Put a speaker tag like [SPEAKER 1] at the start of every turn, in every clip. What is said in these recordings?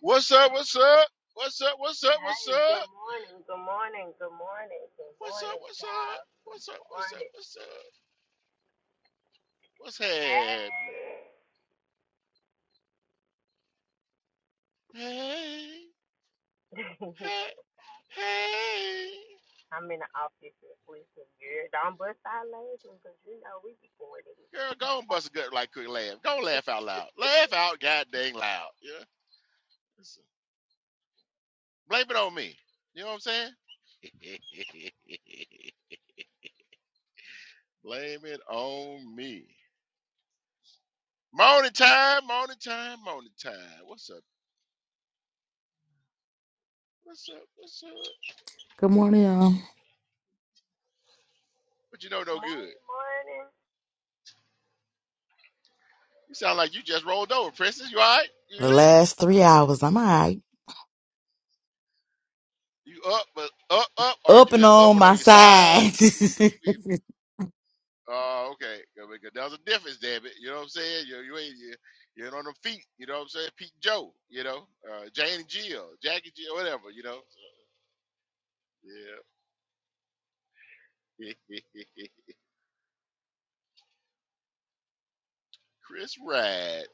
[SPEAKER 1] What's up? What's up? What's up? What's up? What's up?
[SPEAKER 2] Hey, good morning, good morning, good morning, good
[SPEAKER 1] What's up?
[SPEAKER 2] morning,
[SPEAKER 1] What's up?
[SPEAKER 2] child.
[SPEAKER 1] What's up?
[SPEAKER 2] Good
[SPEAKER 1] What's up?
[SPEAKER 2] morning.
[SPEAKER 1] What's up? What's happening? Hey, hey, hey.
[SPEAKER 2] I'm in the office at least a Don't bust our legs because you know we be going to
[SPEAKER 1] Girl, go and bust a good like quick laugh. Go and laugh out loud. Laugh out god dang loud. Yeah. Listen, Blame it on me. You know what I'm saying? Blame it on me. Morning time, morning time, morning time. What's up? What's up? What's up?
[SPEAKER 3] Good morning, y'all.
[SPEAKER 1] But you know no good.
[SPEAKER 2] Morning, morning.
[SPEAKER 1] You sound like you just rolled over, Princess. You all right? You
[SPEAKER 3] The
[SPEAKER 1] good?
[SPEAKER 3] last three hours, I'm all right.
[SPEAKER 1] You up, but up, up, or
[SPEAKER 3] Up
[SPEAKER 1] you
[SPEAKER 3] and
[SPEAKER 1] just up
[SPEAKER 3] on
[SPEAKER 1] and
[SPEAKER 3] my
[SPEAKER 1] on your side?
[SPEAKER 3] side.
[SPEAKER 1] What, what, what you mean? Oh, okay. Yeah, because There's a difference, damn it. You know what I'm saying? You you ain't you, you ain't on them feet. You know what I'm saying? Pete and Joe. You know, uh, Jane and Jill, Jackie and Jill, whatever. You know. Yeah. Chris Rad.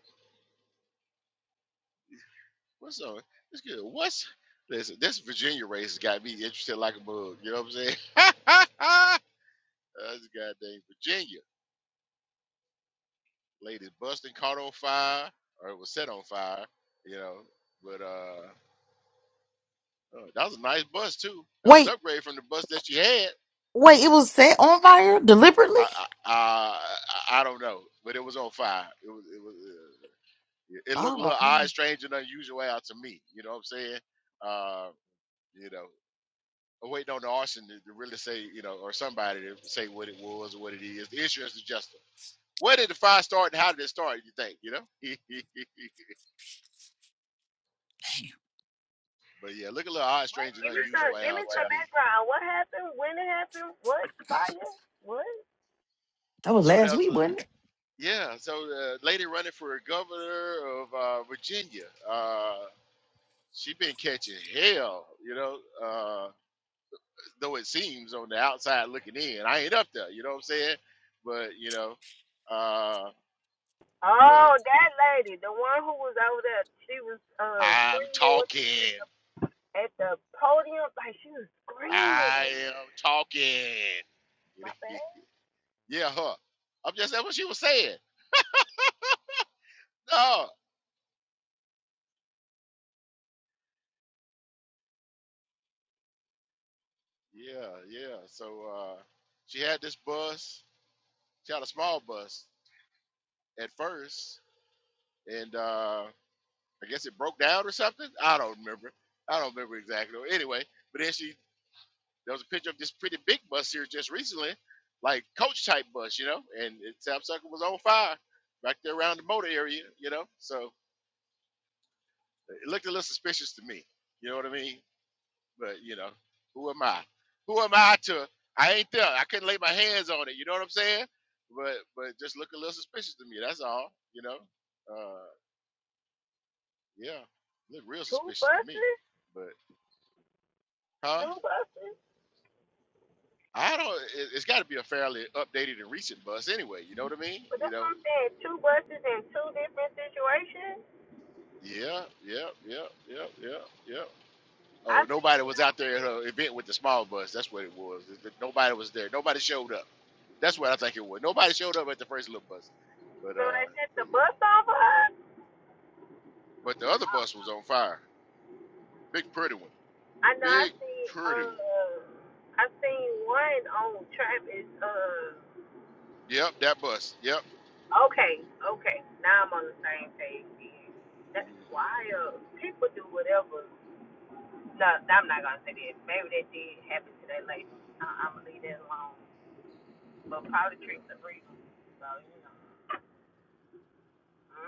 [SPEAKER 1] What's up? It's good. What's listen? This Virginia race has got me interested like a bug. You know what I'm saying? That's goddamn Virginia. Lady Buston caught on fire, or it was set on fire, you know. But uh, uh, that was a nice bus too. That was an
[SPEAKER 3] wait,
[SPEAKER 1] upgrade from the bus that you had.
[SPEAKER 3] wait, it was set on fire deliberately?
[SPEAKER 1] I I, I I don't know, but it was on fire. It was it was uh, it looked a
[SPEAKER 3] Oh,
[SPEAKER 1] little odd, strange, and unusual out to me. You know what I'm saying? Uh, you know, I'm waiting on the arson to, to really say you know, or somebody to say what it was or what it is. The insurance adjuster. Where did the fire start and how did it start? You think you know? But yeah, look a little odd, strange, and
[SPEAKER 2] Give me
[SPEAKER 1] unusual
[SPEAKER 2] some, give me
[SPEAKER 1] out to
[SPEAKER 2] some
[SPEAKER 1] me.
[SPEAKER 2] background. What happened? When it happened? What fire? What?
[SPEAKER 3] That was
[SPEAKER 1] So that
[SPEAKER 3] last
[SPEAKER 1] was
[SPEAKER 3] week,
[SPEAKER 1] a
[SPEAKER 3] wasn't it?
[SPEAKER 1] yeah. So the lady running for governor of uh, Virginia, uh, she been catching hell, you know. Uh, though it seems on the outside looking in, I ain't up there, you know what I'm saying? But you know, uh, but
[SPEAKER 2] Oh, that lady, the one who was over there, she was uh
[SPEAKER 1] I'm
[SPEAKER 2] she was
[SPEAKER 1] talking.
[SPEAKER 2] at the podium like she was screaming.
[SPEAKER 1] I am talking.
[SPEAKER 2] My bad.
[SPEAKER 1] yeah, her. I'm just that's what she was saying. No. Yeah, yeah. So uh, she had this bus. She had a small bus at first, and uh, I guess it broke down or something. I don't remember. I don't remember exactly. Anyway, but then she there was a picture of this pretty big bus here just recently, like coach type bus, you know. And it, Sapsucker was on fire back there around the motor area, you know. So it looked a little suspicious to me. You know what I mean? But you know, who am I? Who am I to? I ain't there. I couldn't lay my hands on it. You know what I'm saying? But but just look a little suspicious to me. That's all. You know. Uh, yeah, look real
[SPEAKER 2] Two
[SPEAKER 1] suspicious to me.
[SPEAKER 2] buses,
[SPEAKER 1] But huh?
[SPEAKER 2] two buses.
[SPEAKER 1] I don't. It, it's got to be a fairly updated and recent bus anyway. You know what I mean?
[SPEAKER 2] But
[SPEAKER 1] You
[SPEAKER 2] that's what
[SPEAKER 1] know.
[SPEAKER 2] I'm saying. Two buses in two different situations.
[SPEAKER 1] Yeah, yeah, yeah, yeah, yeah, yeah.
[SPEAKER 2] I
[SPEAKER 1] Oh,
[SPEAKER 2] see,
[SPEAKER 1] nobody
[SPEAKER 2] you
[SPEAKER 1] was
[SPEAKER 2] know,
[SPEAKER 1] out there at her event with the small bus. That's what it was. It- it- Nobody was there. Nobody showed up. That's what I think it was. Nobody showed up at the first little bus, but
[SPEAKER 2] so they
[SPEAKER 1] uh,
[SPEAKER 2] sent
[SPEAKER 1] but
[SPEAKER 2] the
[SPEAKER 1] yeah,
[SPEAKER 2] bus over us.
[SPEAKER 1] but the other
[SPEAKER 2] Oh,
[SPEAKER 1] bus was on fire. Big pretty one.
[SPEAKER 2] I know I
[SPEAKER 1] Big
[SPEAKER 2] see,
[SPEAKER 1] pretty one.
[SPEAKER 2] uh, I seen one on Travis, uh,
[SPEAKER 1] Yep, that bus. Yep.
[SPEAKER 2] okay, okay. Now I'm on the same page. That's
[SPEAKER 1] hmm
[SPEAKER 2] wild. People do whatever. No, I'm not gonna say that. Maybe that did happen to that lady. I- I'm gonna leave that alone. But probably
[SPEAKER 1] Yeah.
[SPEAKER 2] tricks are real. So, you know.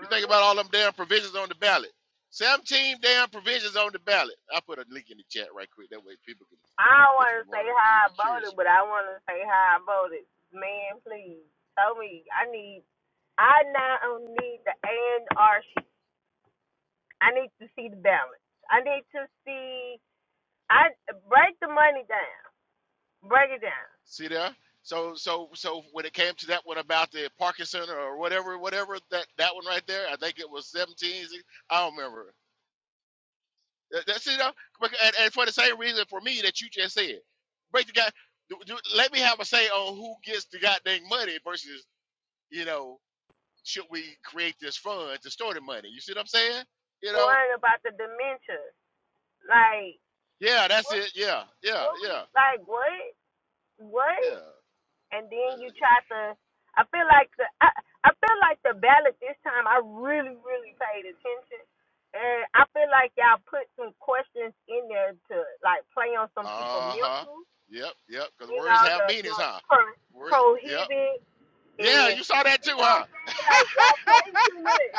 [SPEAKER 1] You think about all them damn provisions on the ballot. Seventeen damn provisions on the ballot. I put a link in the chat right quick. That way people can,
[SPEAKER 2] I don't
[SPEAKER 1] if
[SPEAKER 2] want
[SPEAKER 1] you
[SPEAKER 2] to say
[SPEAKER 1] want to, if
[SPEAKER 2] how
[SPEAKER 1] you're
[SPEAKER 2] I
[SPEAKER 1] curious
[SPEAKER 2] voted, but I
[SPEAKER 1] about.
[SPEAKER 2] want to say how I voted. Man, please tell me. I need. I now need the A and R sheet. I need to see the balance. I need to see. I break the money down. Break it down.
[SPEAKER 1] See there. So so so when it came to that one about the Parkinson or whatever whatever that that one right there, I think it was seventeen. I don't remember. That- That's it. uh, bec- And, and for the same reason for me that you just said, break the guy. Do, do, let me have a say on who gets the goddamn money versus you know should we create this fund to store the money? You see what I'm saying? You know?
[SPEAKER 2] One about the dementia. Like
[SPEAKER 1] Yeah, that's
[SPEAKER 2] what?
[SPEAKER 1] it. Yeah, yeah,
[SPEAKER 2] What
[SPEAKER 1] yeah,
[SPEAKER 2] we like? What? What?
[SPEAKER 1] yeah.
[SPEAKER 2] and
[SPEAKER 1] yeah.
[SPEAKER 2] then you try to. I feel like the I, I feel like the ballot this time. I really really paid attention, and I feel like y'all put some questions in there to like play on some people
[SPEAKER 1] Uh huh.
[SPEAKER 2] mental.
[SPEAKER 1] Yep, yep. Because
[SPEAKER 2] You
[SPEAKER 1] words
[SPEAKER 2] know
[SPEAKER 1] have
[SPEAKER 2] the the
[SPEAKER 1] meanings, huh?
[SPEAKER 2] pro,
[SPEAKER 1] Words. Yep.
[SPEAKER 2] prohibit
[SPEAKER 1] Yeah,
[SPEAKER 2] and
[SPEAKER 1] you saw that
[SPEAKER 2] you
[SPEAKER 1] too,
[SPEAKER 2] know what I'm
[SPEAKER 1] huh?
[SPEAKER 2] saying. Like y'all playing too much.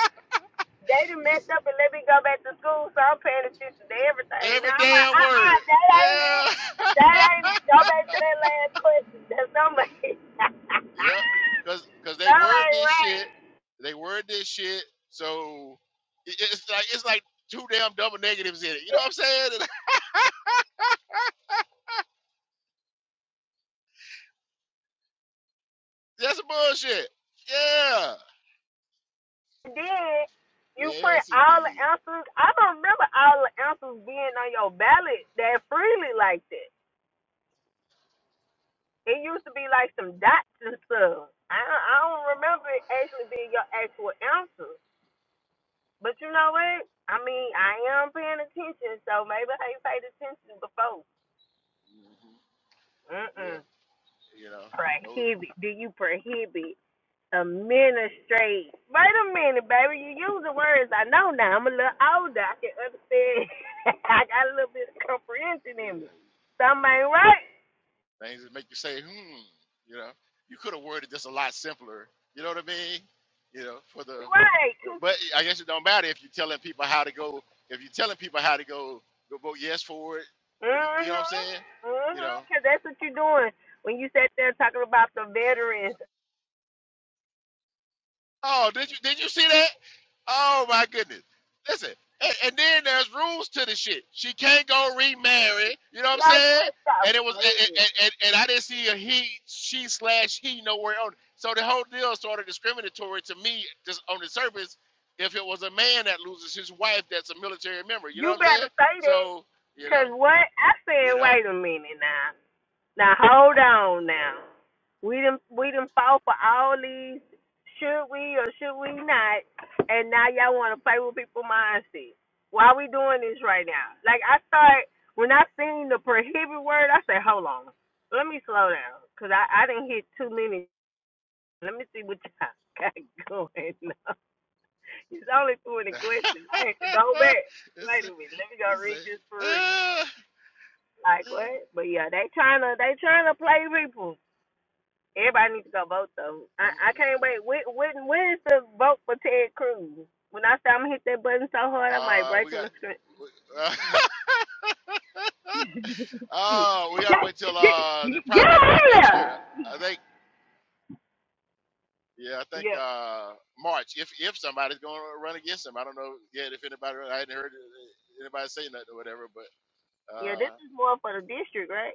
[SPEAKER 2] They done
[SPEAKER 1] You
[SPEAKER 2] messed
[SPEAKER 1] s-
[SPEAKER 2] up and let me go back to school, so I'm paying attention to everything.
[SPEAKER 1] every
[SPEAKER 2] Now I'm like,
[SPEAKER 1] damn
[SPEAKER 2] uh uh,
[SPEAKER 1] word.
[SPEAKER 2] that ain't it.
[SPEAKER 1] Yeah.
[SPEAKER 2] That ain't it. Go back to that last question. That's somebody.
[SPEAKER 1] Yep. Cause, cause they
[SPEAKER 2] That
[SPEAKER 1] word
[SPEAKER 2] ain't
[SPEAKER 1] this
[SPEAKER 2] right.
[SPEAKER 1] shit. They word this shit. So it- it's like it's like two damn double negatives in it. You know what I'm saying? That's some bullshit. Yeah.
[SPEAKER 2] And then you put
[SPEAKER 1] Yes,
[SPEAKER 2] all the
[SPEAKER 1] indeed.
[SPEAKER 2] answers. I don't remember all the answers being on your ballot that freely like that. It used to be like some dots and stuff. I don't, I don't remember it actually being your actual answer. But you know what? I mean, I am paying attention, so maybe I ain't paid attention before.
[SPEAKER 1] hmm
[SPEAKER 2] Mm mm.
[SPEAKER 1] Yep. You know. Oh,
[SPEAKER 2] Prohibit. Do you prohibit? Administrate. Wait a minute, baby. You using words I know now. I'm a little older. I can understand. I got a little bit of comprehension
[SPEAKER 1] yeah.
[SPEAKER 2] in me. Something
[SPEAKER 1] Yep.
[SPEAKER 2] ain't right.
[SPEAKER 1] Things that make you say, hmm, you know, you could have worded this a lot simpler. You know what I mean? You know, for the,
[SPEAKER 2] Right.
[SPEAKER 1] but I guess it don't matter if you're telling people how to go, if you're telling people how to go, go vote yes for it. You
[SPEAKER 2] Mm-hmm.
[SPEAKER 1] know what I'm saying? You
[SPEAKER 2] Mm-hmm.
[SPEAKER 1] know,
[SPEAKER 2] Because that's what you're doing when you sat there talking about the veterans.
[SPEAKER 1] Oh, did you did you see that? Oh my goodness. Listen, and, and then there's rules to the shit. She can't go remarry. You know what I'm
[SPEAKER 2] Like,
[SPEAKER 1] saying?
[SPEAKER 2] let's stop
[SPEAKER 1] And it was and
[SPEAKER 2] playing.
[SPEAKER 1] and, and, and I didn't see a he, she slash he nowhere on. it. So the whole deal is sort of discriminatory to me just on the surface. If it was a man that loses his wife, that's a military member. You know what
[SPEAKER 2] You
[SPEAKER 1] I'm
[SPEAKER 2] better
[SPEAKER 1] saying?
[SPEAKER 2] say that.
[SPEAKER 1] So you know,
[SPEAKER 2] Because what? I
[SPEAKER 1] you
[SPEAKER 2] said,
[SPEAKER 1] know.
[SPEAKER 2] wait a minute now. Now, hold on now. We didn't we didn't fall for all these should we or should we not, and now y'all want to play with people's mindset. Why we doing this right now? Like I start when I seen the prohibit word, I said, hold on, let me slow down, cause I I didn't hit too many. Let me see what y'all got going on. It's only two in the question. I had to go back.
[SPEAKER 1] it's
[SPEAKER 2] Wait
[SPEAKER 1] a,
[SPEAKER 2] a minute, let me go
[SPEAKER 1] it's
[SPEAKER 2] read this
[SPEAKER 1] a,
[SPEAKER 2] for real.
[SPEAKER 1] uh,
[SPEAKER 2] Like
[SPEAKER 1] uh,
[SPEAKER 2] what? But yeah, they trying to they trying to play people. Everybody needs to go vote though.
[SPEAKER 1] mm,
[SPEAKER 2] I, I can't
[SPEAKER 1] mm, mm.
[SPEAKER 2] wait. When, when when is the vote for Ted Cruz? When I say I'm gonna hit that button so hard, I might
[SPEAKER 1] Uh,
[SPEAKER 2] break
[SPEAKER 1] we
[SPEAKER 2] the
[SPEAKER 1] got.
[SPEAKER 2] screen.
[SPEAKER 1] Uh,
[SPEAKER 2] Mm, shit.
[SPEAKER 1] oh, we gotta wait till uh the
[SPEAKER 2] Get out
[SPEAKER 1] primary
[SPEAKER 2] of
[SPEAKER 1] is next year. I think. Yeah, I think
[SPEAKER 2] Yeah.
[SPEAKER 1] uh March. If if somebody's gonna run against him, I don't know yet if anybody. I hadn't heard uh, anybody say nothing or whatever, but.
[SPEAKER 2] Yeah, this
[SPEAKER 1] uh
[SPEAKER 2] is more for the district, right?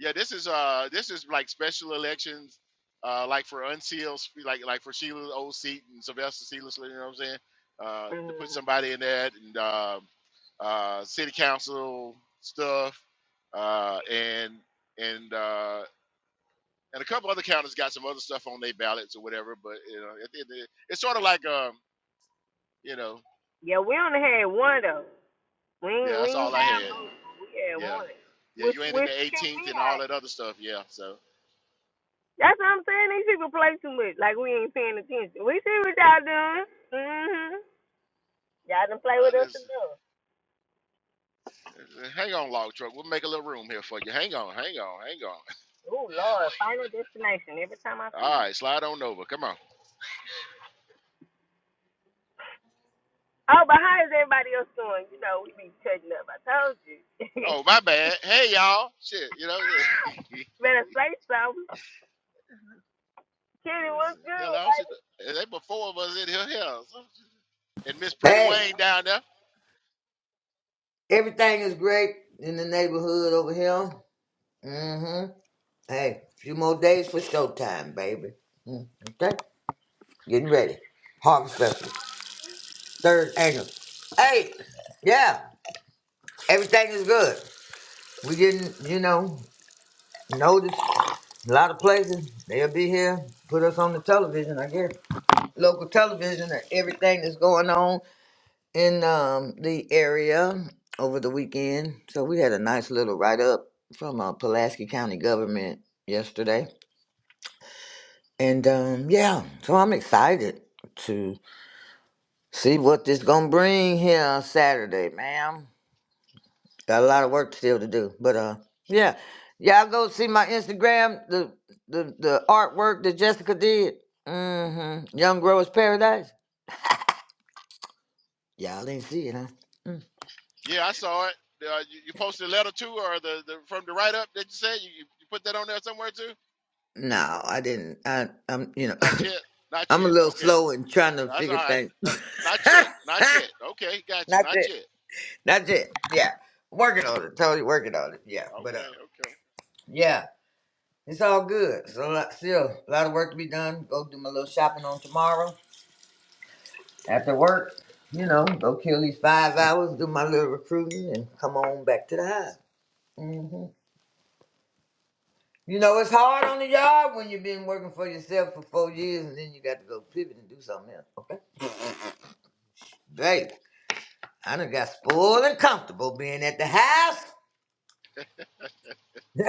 [SPEAKER 1] Yeah, this is uh this is like special elections, uh like for unsealed like like for Sheila's old seat and Sylvester Sheila's, you know what I'm saying? Uh to put
[SPEAKER 2] Mm.
[SPEAKER 1] somebody in that and um uh city council stuff, uh and and uh and a couple other counties got some other stuff on their ballots or whatever, but you know it, it, it- it's sort of like um you know
[SPEAKER 2] Yeah, we only had one though. We
[SPEAKER 1] yeah
[SPEAKER 2] ain't, we
[SPEAKER 1] that's
[SPEAKER 2] ain't
[SPEAKER 1] all I
[SPEAKER 2] have
[SPEAKER 1] had
[SPEAKER 2] no- we had
[SPEAKER 1] yeah
[SPEAKER 2] one,
[SPEAKER 1] yeah
[SPEAKER 2] which
[SPEAKER 1] you ain't in the
[SPEAKER 2] which tripped
[SPEAKER 1] 18th
[SPEAKER 2] me
[SPEAKER 1] and all
[SPEAKER 2] out.
[SPEAKER 1] that other stuff yeah so
[SPEAKER 2] That's what I'm saying. These people play too much. Like we ain't paying attention. We see what y'all doing. Mhm. Y'all done play with
[SPEAKER 1] uh,
[SPEAKER 2] us enough.
[SPEAKER 1] Uh, Hang on, log truck. We'll make a little room here for you. Hang on, hang on, hang on.
[SPEAKER 2] Oh Lord, final destination. Every time I see you.
[SPEAKER 1] All right, slide on over. Come on.
[SPEAKER 2] Oh, but how is everybody else doing? You know, we be cutting up. I told you.
[SPEAKER 1] Oh, my bad. Hey, y'all. Shit, you know.
[SPEAKER 2] Better say something. Kitty, what's
[SPEAKER 1] Hell,
[SPEAKER 2] good,
[SPEAKER 1] I don't see.
[SPEAKER 2] baby?
[SPEAKER 1] The, they but four of us in here. Hell, and Miss Pretty
[SPEAKER 4] Hey,
[SPEAKER 1] Wayne down there.
[SPEAKER 4] everything is great in the neighborhood over here. Mm-hmm. Hey, few more days for showtime, baby. Mm, okay, getting ready. Harvest Festival, third annual. Hey, yeah, everything is good. We getting, you know, noticed. A lot of places they'll be here, put us on the television. I guess local television and everything that's going on. in um, the area over the weekend. So we had a nice little write up from uh, Pulaski County government yesterday, and um, yeah, so I'm excited to see what this gonna bring here Saturday, ma'am. Got a lot of work still to do, but uh, yeah, y'all go see my Instagram the the the artwork that Jessica did. Mm-hmm. Young Growers Paradise. Y'all ain't see it, huh? Mm.
[SPEAKER 1] Yeah, I saw it. Uh, you, you posted a letter too, or the, the from the write up that you said you, you put that on there somewhere too.
[SPEAKER 4] No, I didn't. I, I'm, you know,
[SPEAKER 1] Not yet. Not
[SPEAKER 4] I'm a
[SPEAKER 1] yet.
[SPEAKER 4] little
[SPEAKER 1] Okay,
[SPEAKER 4] slow in trying to
[SPEAKER 1] that's all
[SPEAKER 4] figure
[SPEAKER 1] right.
[SPEAKER 4] things.
[SPEAKER 1] That- not yet. Not yet. Okay, gotcha.
[SPEAKER 4] That's
[SPEAKER 1] Not
[SPEAKER 4] it.
[SPEAKER 1] yet.
[SPEAKER 4] That's it. Yeah, working on it. Totally working on it. Yeah, but uh,
[SPEAKER 1] Okay. Okay.
[SPEAKER 4] yeah, it's all good. So a lot, still a lot of work to be done. Go do my little shopping on tomorrow after work. You know, go kill these five hours, do my little recruiting, and come on back to the hive. hmm You know, it's hard on the job when you've been working for yourself for four years and then you got to go pivot and do something else. Babe, I done got spoiled and comfortable being at the house.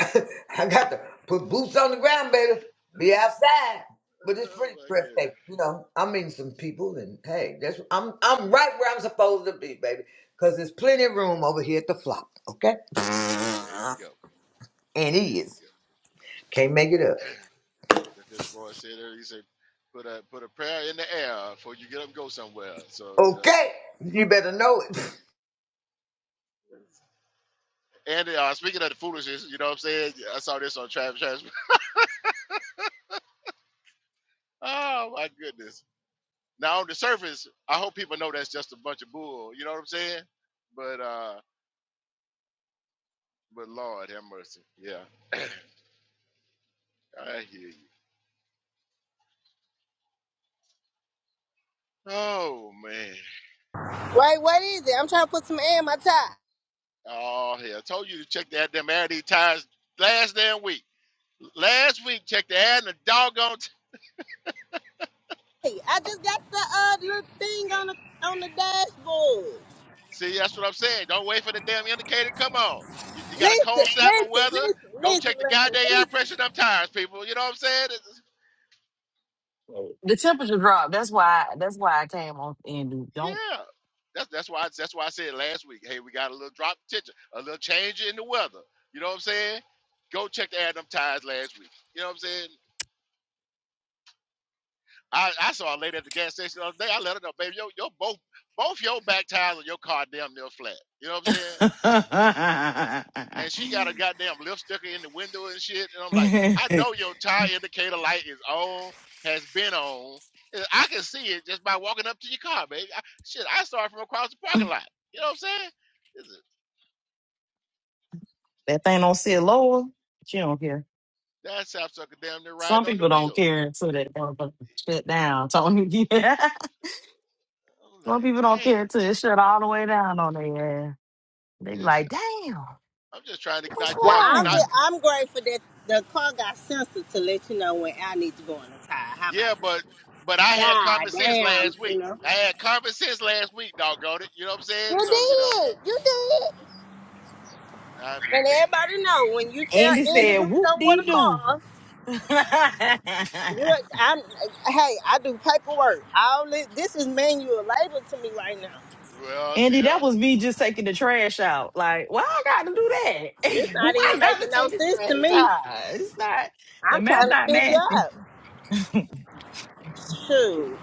[SPEAKER 4] I got to put boots on the ground, baby. Be outside. But it's
[SPEAKER 1] Oh
[SPEAKER 4] pretty
[SPEAKER 1] my god.
[SPEAKER 4] breathtaking, you know. I mean, some people, and hey, that's I'm I'm right where I'm supposed to be, baby, because there's plenty of room over here at the flop, okay?
[SPEAKER 1] There, there you go.
[SPEAKER 4] And
[SPEAKER 1] There
[SPEAKER 4] he
[SPEAKER 1] you
[SPEAKER 4] is. Can't make it up,
[SPEAKER 1] go. That's that boy said earlier. He said, "Put a put a prayer in the air before you get up and go somewhere." So you know.
[SPEAKER 4] okay? You better know it.
[SPEAKER 1] And uh, speaking of the foolishness, you know what I'm saying? Yeah, I saw this on Travis. Travis. Oh my goodness! Now on the surface, I hope people know that's just a bunch of bull. You know what I'm saying? But uh, but Lord have mercy. Yeah, I hear you. Oh man.
[SPEAKER 2] Wait, what is it? I'm trying to put some air in my tie.
[SPEAKER 1] Oh hell! I told you to check the damn Addy tires last damn week. Last week, check the ad and the doggone
[SPEAKER 2] Hey, I just got the uh, little thing on the on the dashboard.
[SPEAKER 1] See, that's what I'm saying. Don't wait for the damn indicator. Come on. You, you got a cold
[SPEAKER 2] Listen,
[SPEAKER 1] snap or
[SPEAKER 2] listen,
[SPEAKER 1] weather?
[SPEAKER 2] listen,
[SPEAKER 1] Go
[SPEAKER 2] listen,
[SPEAKER 1] check the
[SPEAKER 2] Linda,
[SPEAKER 1] goddamn air
[SPEAKER 2] listen.
[SPEAKER 1] pressure in them tires, people. You know what I'm saying? It's-
[SPEAKER 3] the temperature dropped. That's why. That's why I came on and do- don't.
[SPEAKER 1] yeah. That's that's why that's why I said last week, hey, we got a little drop in temperature, a little change in the weather. You know what I'm saying? Go check the air in them tires last week. You know what I'm saying? I, I saw a lady at the gas station the other day. I let her know, baby, your, your both both your back tires on your car damn near flat. You know what I'm saying?
[SPEAKER 3] that
[SPEAKER 1] and she got a goddamn lip sticker in the window and shit. And I'm like, I know your tire indicator light is on, has been on. I can see it just by walking up to your car, baby. I, shit, I saw it from across the parking lot. You know what I'm saying? This is-
[SPEAKER 3] thing don't sit lower. She don't care.
[SPEAKER 1] that sapsucker damn near
[SPEAKER 3] Some
[SPEAKER 1] riding on the
[SPEAKER 3] people don't
[SPEAKER 1] wheel.
[SPEAKER 3] care until that motherfucker shut down. Tony. yeah.
[SPEAKER 1] I'm
[SPEAKER 3] Some
[SPEAKER 1] like,
[SPEAKER 3] people don't care
[SPEAKER 1] damn.
[SPEAKER 3] until it shut all the way down on their ass. They be
[SPEAKER 1] Listen,
[SPEAKER 3] like,
[SPEAKER 1] I,
[SPEAKER 3] damn,
[SPEAKER 1] I'm just trying to
[SPEAKER 3] what's
[SPEAKER 1] not
[SPEAKER 2] Well,
[SPEAKER 1] have you
[SPEAKER 2] I'm
[SPEAKER 1] not.
[SPEAKER 2] just,
[SPEAKER 3] wrong?
[SPEAKER 2] I'm grateful that the car got sensors to let you know when I need to go on the tire. How about
[SPEAKER 1] Yeah,
[SPEAKER 2] that?
[SPEAKER 1] but but I had common
[SPEAKER 2] God
[SPEAKER 1] sense
[SPEAKER 2] damn,
[SPEAKER 1] last
[SPEAKER 2] you
[SPEAKER 1] week.
[SPEAKER 2] know.
[SPEAKER 1] I had common sense last week, doggone it. You know what I'm saying?
[SPEAKER 2] You
[SPEAKER 1] So you know,
[SPEAKER 2] did, you did.
[SPEAKER 1] I'd be
[SPEAKER 2] And
[SPEAKER 1] damned.
[SPEAKER 2] everybody know when you tell
[SPEAKER 3] Andy
[SPEAKER 2] Andy to
[SPEAKER 3] said,
[SPEAKER 2] do
[SPEAKER 3] whoop
[SPEAKER 2] something with
[SPEAKER 3] dee
[SPEAKER 2] a
[SPEAKER 3] doo.
[SPEAKER 2] car. You, I'm, hey, I do paperwork. All this, this is manual labor to me right now.
[SPEAKER 1] Well, see
[SPEAKER 3] Andy, that
[SPEAKER 1] there.
[SPEAKER 3] was me just taking the trash out. Like, why I gotta do that?
[SPEAKER 2] This
[SPEAKER 3] why
[SPEAKER 2] not even
[SPEAKER 3] I gotta
[SPEAKER 2] making no
[SPEAKER 3] take the
[SPEAKER 2] sense to
[SPEAKER 3] trash
[SPEAKER 2] me.
[SPEAKER 3] out? It's not the
[SPEAKER 2] I'm
[SPEAKER 3] math
[SPEAKER 2] trying to
[SPEAKER 3] not
[SPEAKER 2] figure
[SPEAKER 3] mathy.
[SPEAKER 2] out. Shoot,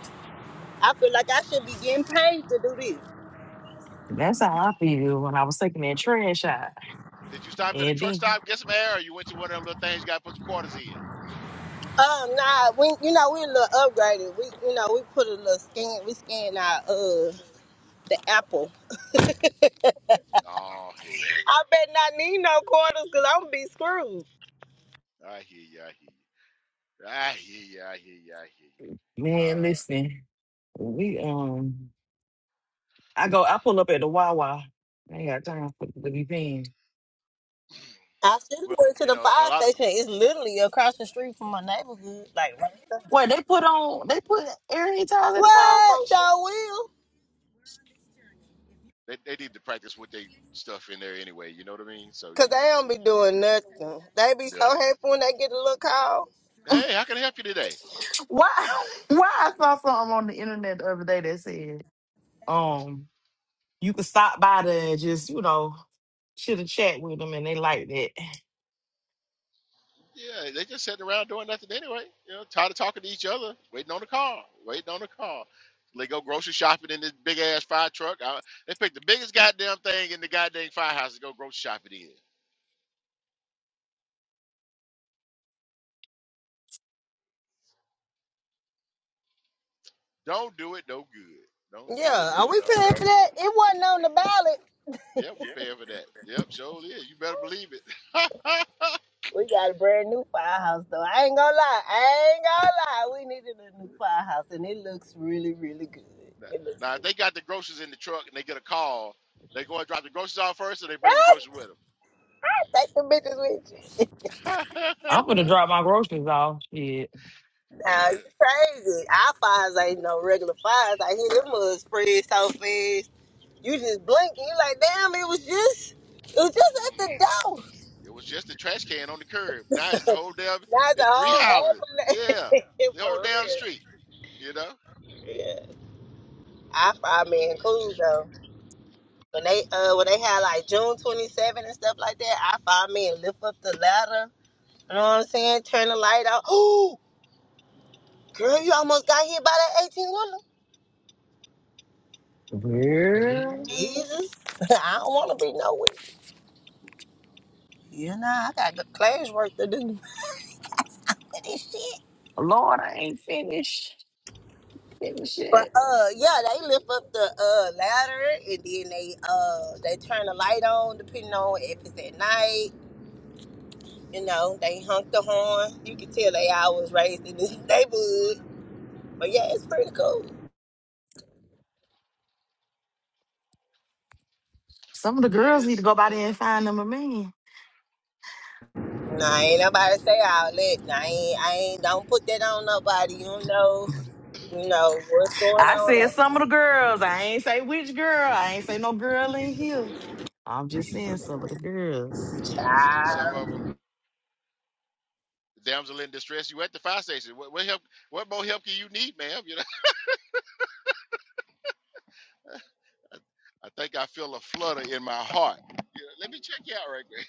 [SPEAKER 2] I feel like I should be getting paid to do this.
[SPEAKER 3] That's how I feel when I was taking that trash out.
[SPEAKER 1] Did you stop at a truck
[SPEAKER 3] Andy.
[SPEAKER 1] stop, get some air, or you went to one of them little things you got to put some quarters in?
[SPEAKER 2] Um, nah, we, you know, we a little upgraded. We, you know, we put a little scan. We scan our uh the Apple.
[SPEAKER 1] Oh, hell.
[SPEAKER 2] I bet not need no quarters because I'm gonna be screwed.
[SPEAKER 1] I hear you. I hear you. I hear you. I hear you. I hear you.
[SPEAKER 3] Man,
[SPEAKER 1] Uh,
[SPEAKER 3] listen. We um I go, I pull up at the Wawa. I ain't got time for to be paying.
[SPEAKER 2] I should have
[SPEAKER 1] well,
[SPEAKER 2] went to
[SPEAKER 1] you
[SPEAKER 2] the
[SPEAKER 1] know, a
[SPEAKER 2] fire
[SPEAKER 1] lot of
[SPEAKER 2] station. It's literally across the street from my neighborhood, like right there.
[SPEAKER 3] What they put
[SPEAKER 1] mm, mm,
[SPEAKER 3] on, they put
[SPEAKER 1] mm.
[SPEAKER 3] area tiles at the fire
[SPEAKER 2] What?
[SPEAKER 3] station.
[SPEAKER 2] Sure will.
[SPEAKER 1] they, they need to practice what they stuff in there anyway. You know what I mean? So,
[SPEAKER 2] Cause
[SPEAKER 1] you know,
[SPEAKER 2] they don't be doing nothing. They be so
[SPEAKER 1] nothing.
[SPEAKER 2] happy when they get a little call.
[SPEAKER 1] Hey, how can I help you today?
[SPEAKER 3] Why? Why I saw something on the internet the other day that said, um, you could stop by there and just, you know, should have chat with them and they like that.
[SPEAKER 1] Yeah, they just sitting around doing nothing anyway. You know, tired of talking to each other, waiting on the car, waiting on the car. They go grocery shopping in this big ass fire truck. I, they pick the biggest goddamn thing in the goddamn firehouse to go grocery shopping in. Don't do it, no good. Don't do it,
[SPEAKER 2] Yeah,
[SPEAKER 1] no
[SPEAKER 2] are we
[SPEAKER 1] doggone
[SPEAKER 2] paying for that?
[SPEAKER 1] good.
[SPEAKER 2] It wasn't on the ballot.
[SPEAKER 1] Yeah, we paying for that. Yep, sure is. You better believe it.
[SPEAKER 2] We got a brand new firehouse though. I ain't gonna lie. I ain't gonna lie. We needed a new firehouse and it looks really, really good.
[SPEAKER 1] now,
[SPEAKER 2] It looks
[SPEAKER 1] now, if
[SPEAKER 2] good.
[SPEAKER 1] they got the groceries in the truck and they get a call, they go and drop the groceries off first, or they bring the groceries with
[SPEAKER 2] Take the bitches with you.
[SPEAKER 1] them.
[SPEAKER 3] I'm gonna drop my groceries off. Shit.
[SPEAKER 2] Nah, you crazy. Our fires ain't no regular fires. I hear them mud spread so fast. You just blink and you like, damn, it was just, it was just at the door.
[SPEAKER 1] It was just a trash can on the curb. Now it's the whole damn.
[SPEAKER 2] Now it's a
[SPEAKER 1] It's three
[SPEAKER 2] whole
[SPEAKER 1] houses. Yeah,
[SPEAKER 2] ambulance.
[SPEAKER 1] the whole
[SPEAKER 2] For
[SPEAKER 1] damn
[SPEAKER 2] real.
[SPEAKER 1] street. You know,
[SPEAKER 2] Yeah, I five
[SPEAKER 1] whole
[SPEAKER 2] men
[SPEAKER 1] damn
[SPEAKER 2] cool
[SPEAKER 1] street.
[SPEAKER 2] though. When they uh when they had like June twenty seven and stuff like that, I five men lift up the ladder. You know what I'm saying? Turn the light out. Oh, girl, you almost got hit by that eighteen wheeler.
[SPEAKER 3] Girl.
[SPEAKER 2] Jesus, I don't want to be nowhere. You know, I got the class work to do.
[SPEAKER 3] Lord, I ain't finished. Finished
[SPEAKER 2] But
[SPEAKER 3] shit.
[SPEAKER 2] uh, yeah, they lift up the uh ladder and then they uh they turn the light on depending on if it's at night. You know, they honk the horn. You can tell they always raised in this neighborhood. But yeah, it's pretty cool.
[SPEAKER 3] Some of the girls need to
[SPEAKER 1] Yes, and
[SPEAKER 3] go by there and
[SPEAKER 1] damn
[SPEAKER 3] find them
[SPEAKER 1] deed.
[SPEAKER 3] a man.
[SPEAKER 2] Nah, ain't nobody say outlet. Nah, I ain't, I ain't, don't put that on nobody. You don't know, you know, what's going
[SPEAKER 3] I said
[SPEAKER 2] on.
[SPEAKER 3] some of the girls. I ain't say which girl. I ain't say no girl in here. I'm just saying some of the girls.
[SPEAKER 1] S- Some
[SPEAKER 2] Child,
[SPEAKER 1] of them, the damsel in distress. You at the fire station. What, what help? What more help can you need, ma'am? You know. I think I feel a flutter in my heart. You know, let me check you out right quick.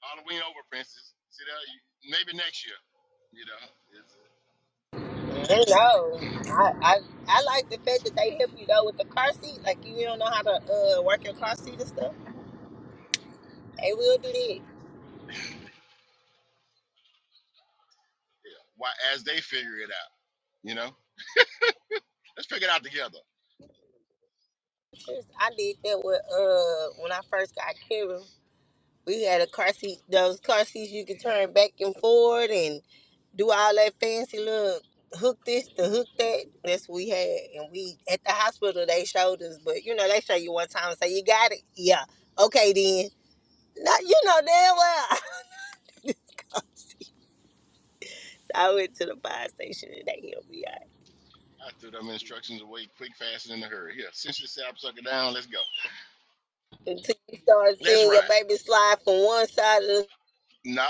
[SPEAKER 1] Halloween over, princess. See that? You, maybe next year. You know, it's, maybe
[SPEAKER 2] you
[SPEAKER 1] next
[SPEAKER 2] know.
[SPEAKER 1] year.
[SPEAKER 2] I, I, I like the fact that they help you though with the car seat. Like you don't know how to uh, work your car seat and stuff. They will do that.
[SPEAKER 1] yeah. Why? As they figure it out. You know, let's figure it out together.
[SPEAKER 2] Just- I did that with uh when I first got Karen. We had a car seat, those car seats you could turn back and forward and do all that fancy little hook this to hook that. That's what we had. And we at the hospital they showed us, but you know, they show you one time and say, You got it? Yeah. Okay then. No, you know damn well. I went to the fire station and they helped me out.
[SPEAKER 1] I threw them instructions away quick, fast, and in a hurry. Here, cinch the sapsucker down. Let's go.
[SPEAKER 2] Until you start
[SPEAKER 1] Let's
[SPEAKER 2] seeing
[SPEAKER 1] ride.
[SPEAKER 2] your baby slide from one side to
[SPEAKER 1] Not,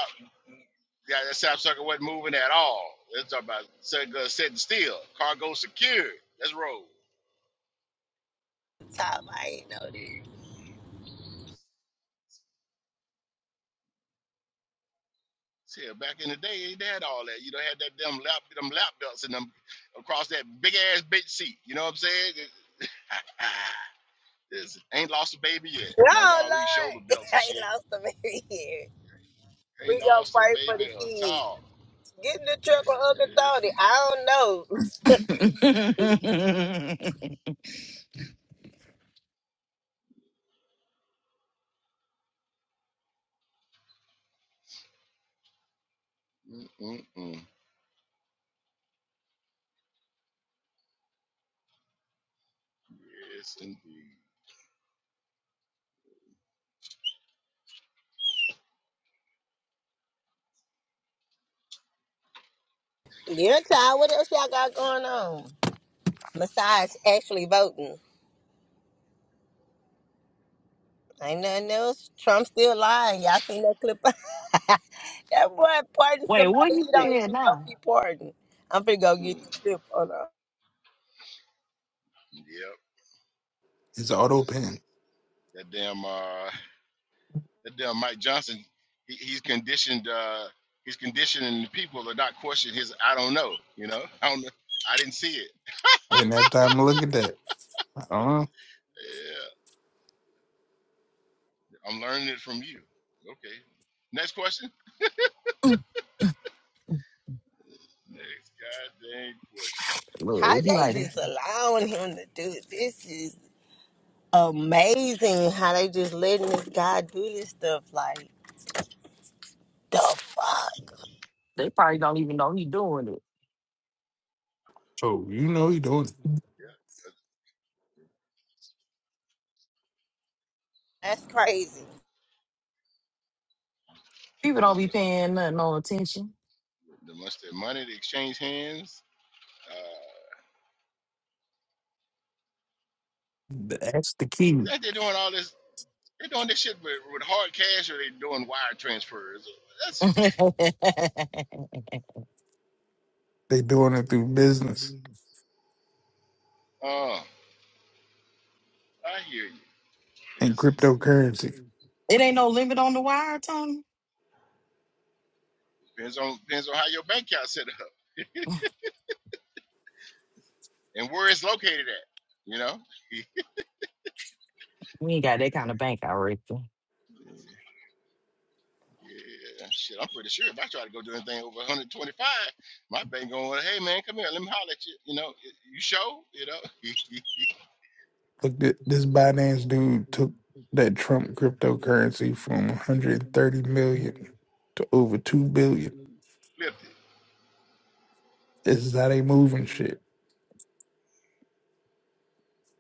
[SPEAKER 1] yeah, that sapsucker wasn't moving at all. Let's talk about sucker sitting still. Cargo secured. Let's roll.
[SPEAKER 2] the top, I ain't know this.
[SPEAKER 1] See, back in the day, they had all that. You know, had that damn lap, them lap belts and them across that big ass bitch seat. You know what I'm saying? It- ah, this ain't lost a baby yet. Now I got
[SPEAKER 2] Oh
[SPEAKER 1] all these shoulder
[SPEAKER 2] Lord,
[SPEAKER 1] belts
[SPEAKER 2] I
[SPEAKER 1] and
[SPEAKER 2] ain't
[SPEAKER 1] shit.
[SPEAKER 2] lost a baby here.
[SPEAKER 1] Ain't
[SPEAKER 2] We gonna
[SPEAKER 1] lost a
[SPEAKER 2] pray for the
[SPEAKER 1] baby at
[SPEAKER 2] kids.
[SPEAKER 1] all.
[SPEAKER 2] Get in the truck with Uncle
[SPEAKER 1] Yes,
[SPEAKER 2] Tony. I
[SPEAKER 1] indeed.
[SPEAKER 2] don't know.
[SPEAKER 1] Mm-mm-mm. Yes, indeed.
[SPEAKER 2] Yeah, child. What else y'all got going on? Besides actually voting. Ain't nothing else. Trump still lying. Y'all seen that clip? that boy pardoned
[SPEAKER 3] Wait, what
[SPEAKER 2] somebody
[SPEAKER 3] he
[SPEAKER 2] he don't
[SPEAKER 3] said
[SPEAKER 2] even know
[SPEAKER 3] now?
[SPEAKER 2] he pardoned. I'm finna go get
[SPEAKER 1] Mm.
[SPEAKER 2] the clip on her.
[SPEAKER 1] Yep.
[SPEAKER 5] It's auto
[SPEAKER 1] Nice.
[SPEAKER 5] pen.
[SPEAKER 1] That damn uh that damn Mike Johnson, he, he's conditioned uh he's conditioning the people to not question his I don't know, you know. I don't know. I didn't see it.
[SPEAKER 5] I didn't have time to look at that. Uh,
[SPEAKER 1] Yeah. I'm learning it from you. Okay. Next question. Next goddamn question.
[SPEAKER 2] How
[SPEAKER 3] Look, it be
[SPEAKER 2] they
[SPEAKER 3] like this.
[SPEAKER 2] just allowing him to do it. This is amazing how they just letting this guy do this stuff. Like, the fuck?
[SPEAKER 3] They probably don't even know he doing it.
[SPEAKER 5] oh, you know he doing.
[SPEAKER 1] Yeah.
[SPEAKER 2] That's crazy.
[SPEAKER 3] People
[SPEAKER 1] 'cause The
[SPEAKER 3] don't be
[SPEAKER 1] must
[SPEAKER 3] paying nothing no attention.
[SPEAKER 1] the must- the money to exchange hands. Uh
[SPEAKER 5] it. That's the
[SPEAKER 1] you
[SPEAKER 5] key.
[SPEAKER 1] think they're doing all this they're doing this shit with, with hard cash or they doing wire transfers. That's
[SPEAKER 5] They doing it through business
[SPEAKER 1] uh I hear you.
[SPEAKER 5] and
[SPEAKER 1] It's
[SPEAKER 5] cryptocurrency.
[SPEAKER 3] It ain't no limit on the wire, Tony.
[SPEAKER 1] Depends on depends on how your bank account set up and where it's located at. You know.
[SPEAKER 3] we ain't got that kind of bank, I reckon.
[SPEAKER 1] Yeah, shit. I'm pretty sure if I try to go do anything over 125, my bank going, hey man, come here, let me holler at you. You know, you show, you know, he
[SPEAKER 5] Look, thi- this Binance dude took that Trump cryptocurrency from 130 million to over two billion.
[SPEAKER 1] flipped it.
[SPEAKER 5] This is how they moving shit.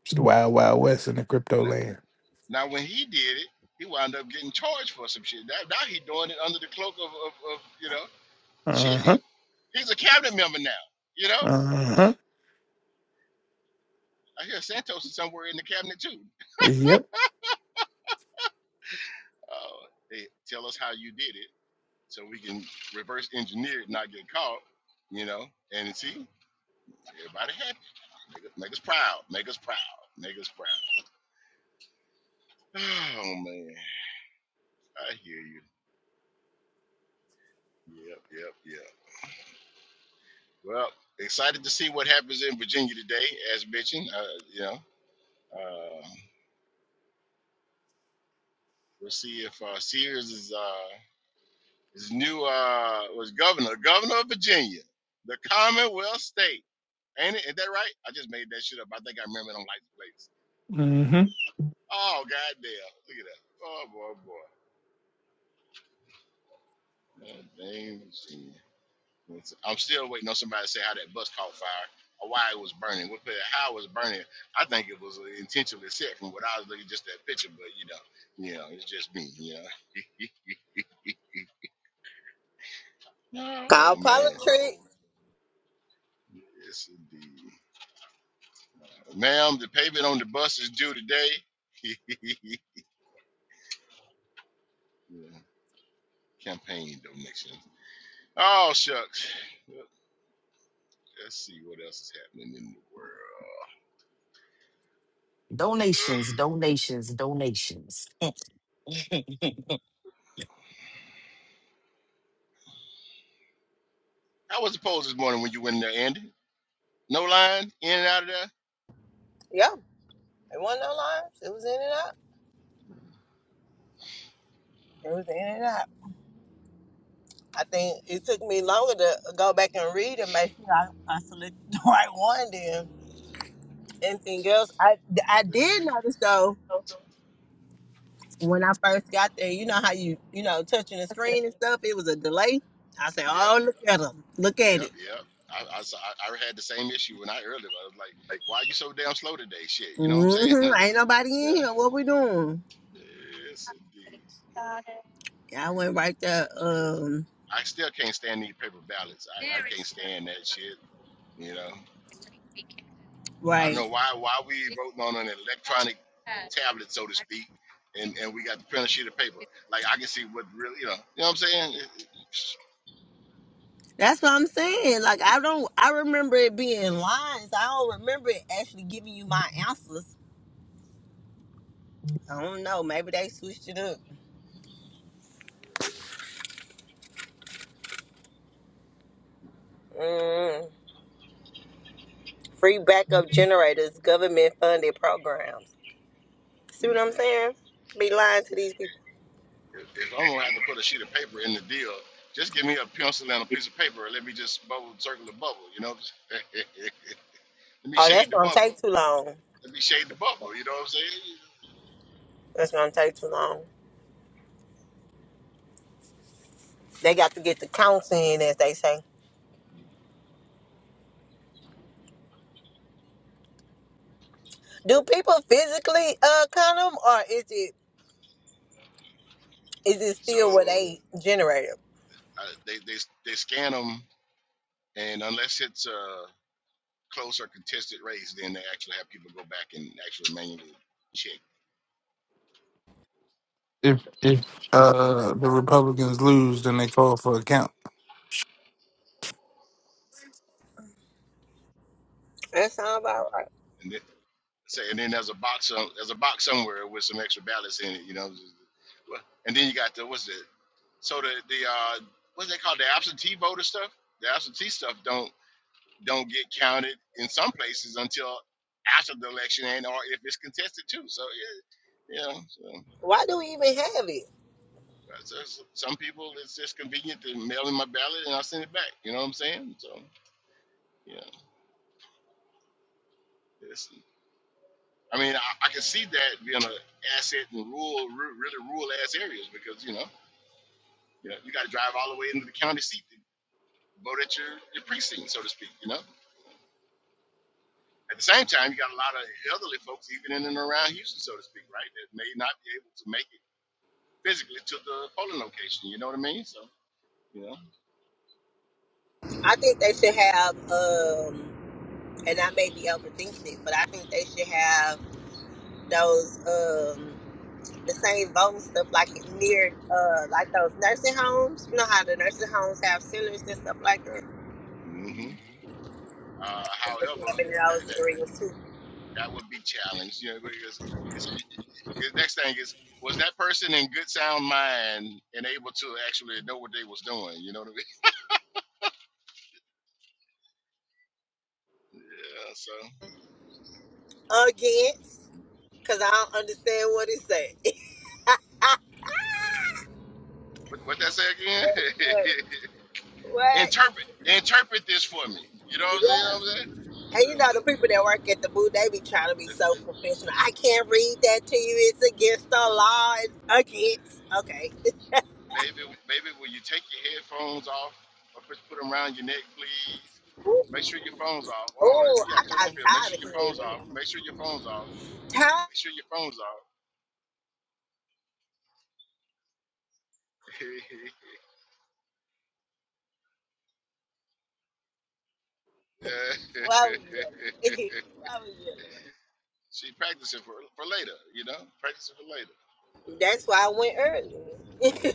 [SPEAKER 5] It's the wild, wild west in the crypto
[SPEAKER 1] N-
[SPEAKER 5] land.
[SPEAKER 1] Now when he did it, he wound up getting charged for some shit. Now, now he doing it under the cloak of, of, of you know, shit.
[SPEAKER 5] Uh
[SPEAKER 1] He,
[SPEAKER 5] huh.
[SPEAKER 1] he's a cabinet member now. You know,
[SPEAKER 5] Uh huh.
[SPEAKER 1] I hear Santos is somewhere in the cabinet too.
[SPEAKER 5] Yep.
[SPEAKER 1] Oh, hey, tell us how you did it so we can reverse engineer it, not get caught, you know. And see, everybody happy. Make us, make us proud. Make us proud. Make us proud. Oh man, I hear you. Yep, yep, yep. Well, excited to see what happens in Virginia today, as mentioned. Uh, you know, uh, we'll see if uh, Sears is uh, is new uh, was governor, governor of Virginia, the Commonwealth state. Ain't it? Is that right? I just made that shit up. I think I remember it on Lights
[SPEAKER 5] Mm hmm.
[SPEAKER 1] Oh, goddamn. Look at that. Oh, boy, oh, boy. God damn, see. Let's- I'm still waiting on somebody to say how that bus caught fire or why it was burning. What, how it was burning. I think it was intentionally set from what I was looking just that picture, but you know, you know, it's just me, you know. Oh,
[SPEAKER 2] Call
[SPEAKER 1] man.
[SPEAKER 2] politics.
[SPEAKER 1] Yes, indeed. Ma'am, the payment on the bus is due today. yeah. Campaign donations. Oh, shucks. Let's see what else is happening in the world.
[SPEAKER 3] Donations, donations, donations.
[SPEAKER 1] How was the polls this morning when you went in there, Andy. No line, in and out of there.
[SPEAKER 2] Yep. There wasn't no lines. It was in and out. It was in and out. I think it took me longer to go back and read and make sure I, I selected the right one then. Anything else? I, I
[SPEAKER 1] Yes.
[SPEAKER 2] did notice though, when I first got there, you know how you, you know, touching the screen and stuff, it was a delay. I said, oh,
[SPEAKER 1] Yep,
[SPEAKER 2] look at them. Look at
[SPEAKER 1] yep,
[SPEAKER 2] it.
[SPEAKER 1] yep. I, I, saw- I, I had the same issue when I earlier. I was like, why are you so damn slow today? Shit, you know what I'm saying?
[SPEAKER 2] Mm-hmm. Ain't nobody in
[SPEAKER 1] yeah.
[SPEAKER 2] here. What we doing?
[SPEAKER 1] Yes, indeed.
[SPEAKER 2] I went right there.
[SPEAKER 1] Yes.
[SPEAKER 2] Um,
[SPEAKER 1] I still can't stand these paper ballots. I, I can't stand that shit. You know, I don't
[SPEAKER 2] right.
[SPEAKER 1] know why why we voting on an electronic tablet, so to speak, and, and we got to print a sheet of paper. Like I can see what really, you know, you know what I'm saying? It-
[SPEAKER 2] That's what I'm saying. Like I don't I remember it being lines. I don't remember it actually giving you my answers. I don't know. Maybe they switched it up. Mm. Free backup generators, government funded programs.
[SPEAKER 1] it-
[SPEAKER 2] See what I'm saying? Be lying to these people.
[SPEAKER 1] If, if I'm gonna have to put a sheet of paper in the deal, just give me a pencil and a piece of paper and let me just bubble circle the bubble. You know, let me
[SPEAKER 2] Oh, that's
[SPEAKER 1] shade the
[SPEAKER 2] gonna
[SPEAKER 1] bubble.
[SPEAKER 2] take too long.
[SPEAKER 1] Let me shade the bubble. You know what I'm saying?
[SPEAKER 2] That's gonna take too long. They got to get the counts in, as they say. Do people physically uh count them, or is it is it still what
[SPEAKER 1] So
[SPEAKER 2] they generated?
[SPEAKER 1] uh, they they they scan them, and unless it's a close or contested race, then they actually have people go back and actually manually check.
[SPEAKER 5] If if uh the Republicans lose, then they call for account.
[SPEAKER 2] That sounds about right.
[SPEAKER 1] And then, say, and then there's a box some- there's a box somewhere with some extra ballots in it. You know. Well, And then you got the what's it? So the the uh, what's they called the absentee voter stuff, the absentee stuff don't don't get counted in some places until after the election and or if it's contested too. So it, you know, so,
[SPEAKER 2] Why do we even have it?
[SPEAKER 1] so s- some people it's just convenient to mail in my ballot and I send it back. You know what I'm saying? So yeah, it's, I mean I, I can see that being an asset in rural, ru- really rural ass areas because you know you know you got to drive all the way into the county seat to vote at your, your precinct, so to speak. You know. At the same time, you got a lot of elderly folks, even in and around Houston, so to speak, right, that may not be able to make it physically to the polling location. You know what I mean? So, you know.
[SPEAKER 2] I think they should have, um, and I may be overthinking it, but I think they should have those um, the same voting stuff like near uh, like those nursing homes. You know how the nursing homes have centers and stuff like that.
[SPEAKER 1] hmm Uh,
[SPEAKER 2] They should
[SPEAKER 1] however,
[SPEAKER 2] have in
[SPEAKER 1] that,
[SPEAKER 2] those
[SPEAKER 1] that
[SPEAKER 2] areas too.
[SPEAKER 1] that would be challenged, you know, because it's, the next thing is, was that person in good sound mind and able to actually know what they was doing? You know what I mean? Yeah. So,
[SPEAKER 2] Against, because I don't understand what it said.
[SPEAKER 1] what what that say again?
[SPEAKER 2] That's good. What?
[SPEAKER 1] interpret interpret this for me. You know what I'm
[SPEAKER 2] Yeah.
[SPEAKER 1] saying? What
[SPEAKER 2] And
[SPEAKER 1] I'm
[SPEAKER 2] you know
[SPEAKER 1] saying?
[SPEAKER 2] the people that work at the booth, they be trying to be
[SPEAKER 1] Yeah.
[SPEAKER 2] so professional. I can't read that to you. It's against the law. It's against. Okay.
[SPEAKER 1] Baby, baby, will you take your headphones off or put, put them around your neck, please? Make sure your phone's off. Oh,
[SPEAKER 2] Oh,
[SPEAKER 1] yeah, I
[SPEAKER 2] I
[SPEAKER 1] told
[SPEAKER 2] got
[SPEAKER 1] you, make sure
[SPEAKER 2] tired of
[SPEAKER 1] your phone's
[SPEAKER 2] hearing
[SPEAKER 1] off. Make
[SPEAKER 2] that.
[SPEAKER 1] sure your phone's off.
[SPEAKER 2] Tired.
[SPEAKER 1] Make sure your phone's off.
[SPEAKER 2] Why was you yelling? Why was you
[SPEAKER 1] she practicing for, for later, you know? Practicing for later.
[SPEAKER 2] yelling? That's why I went early.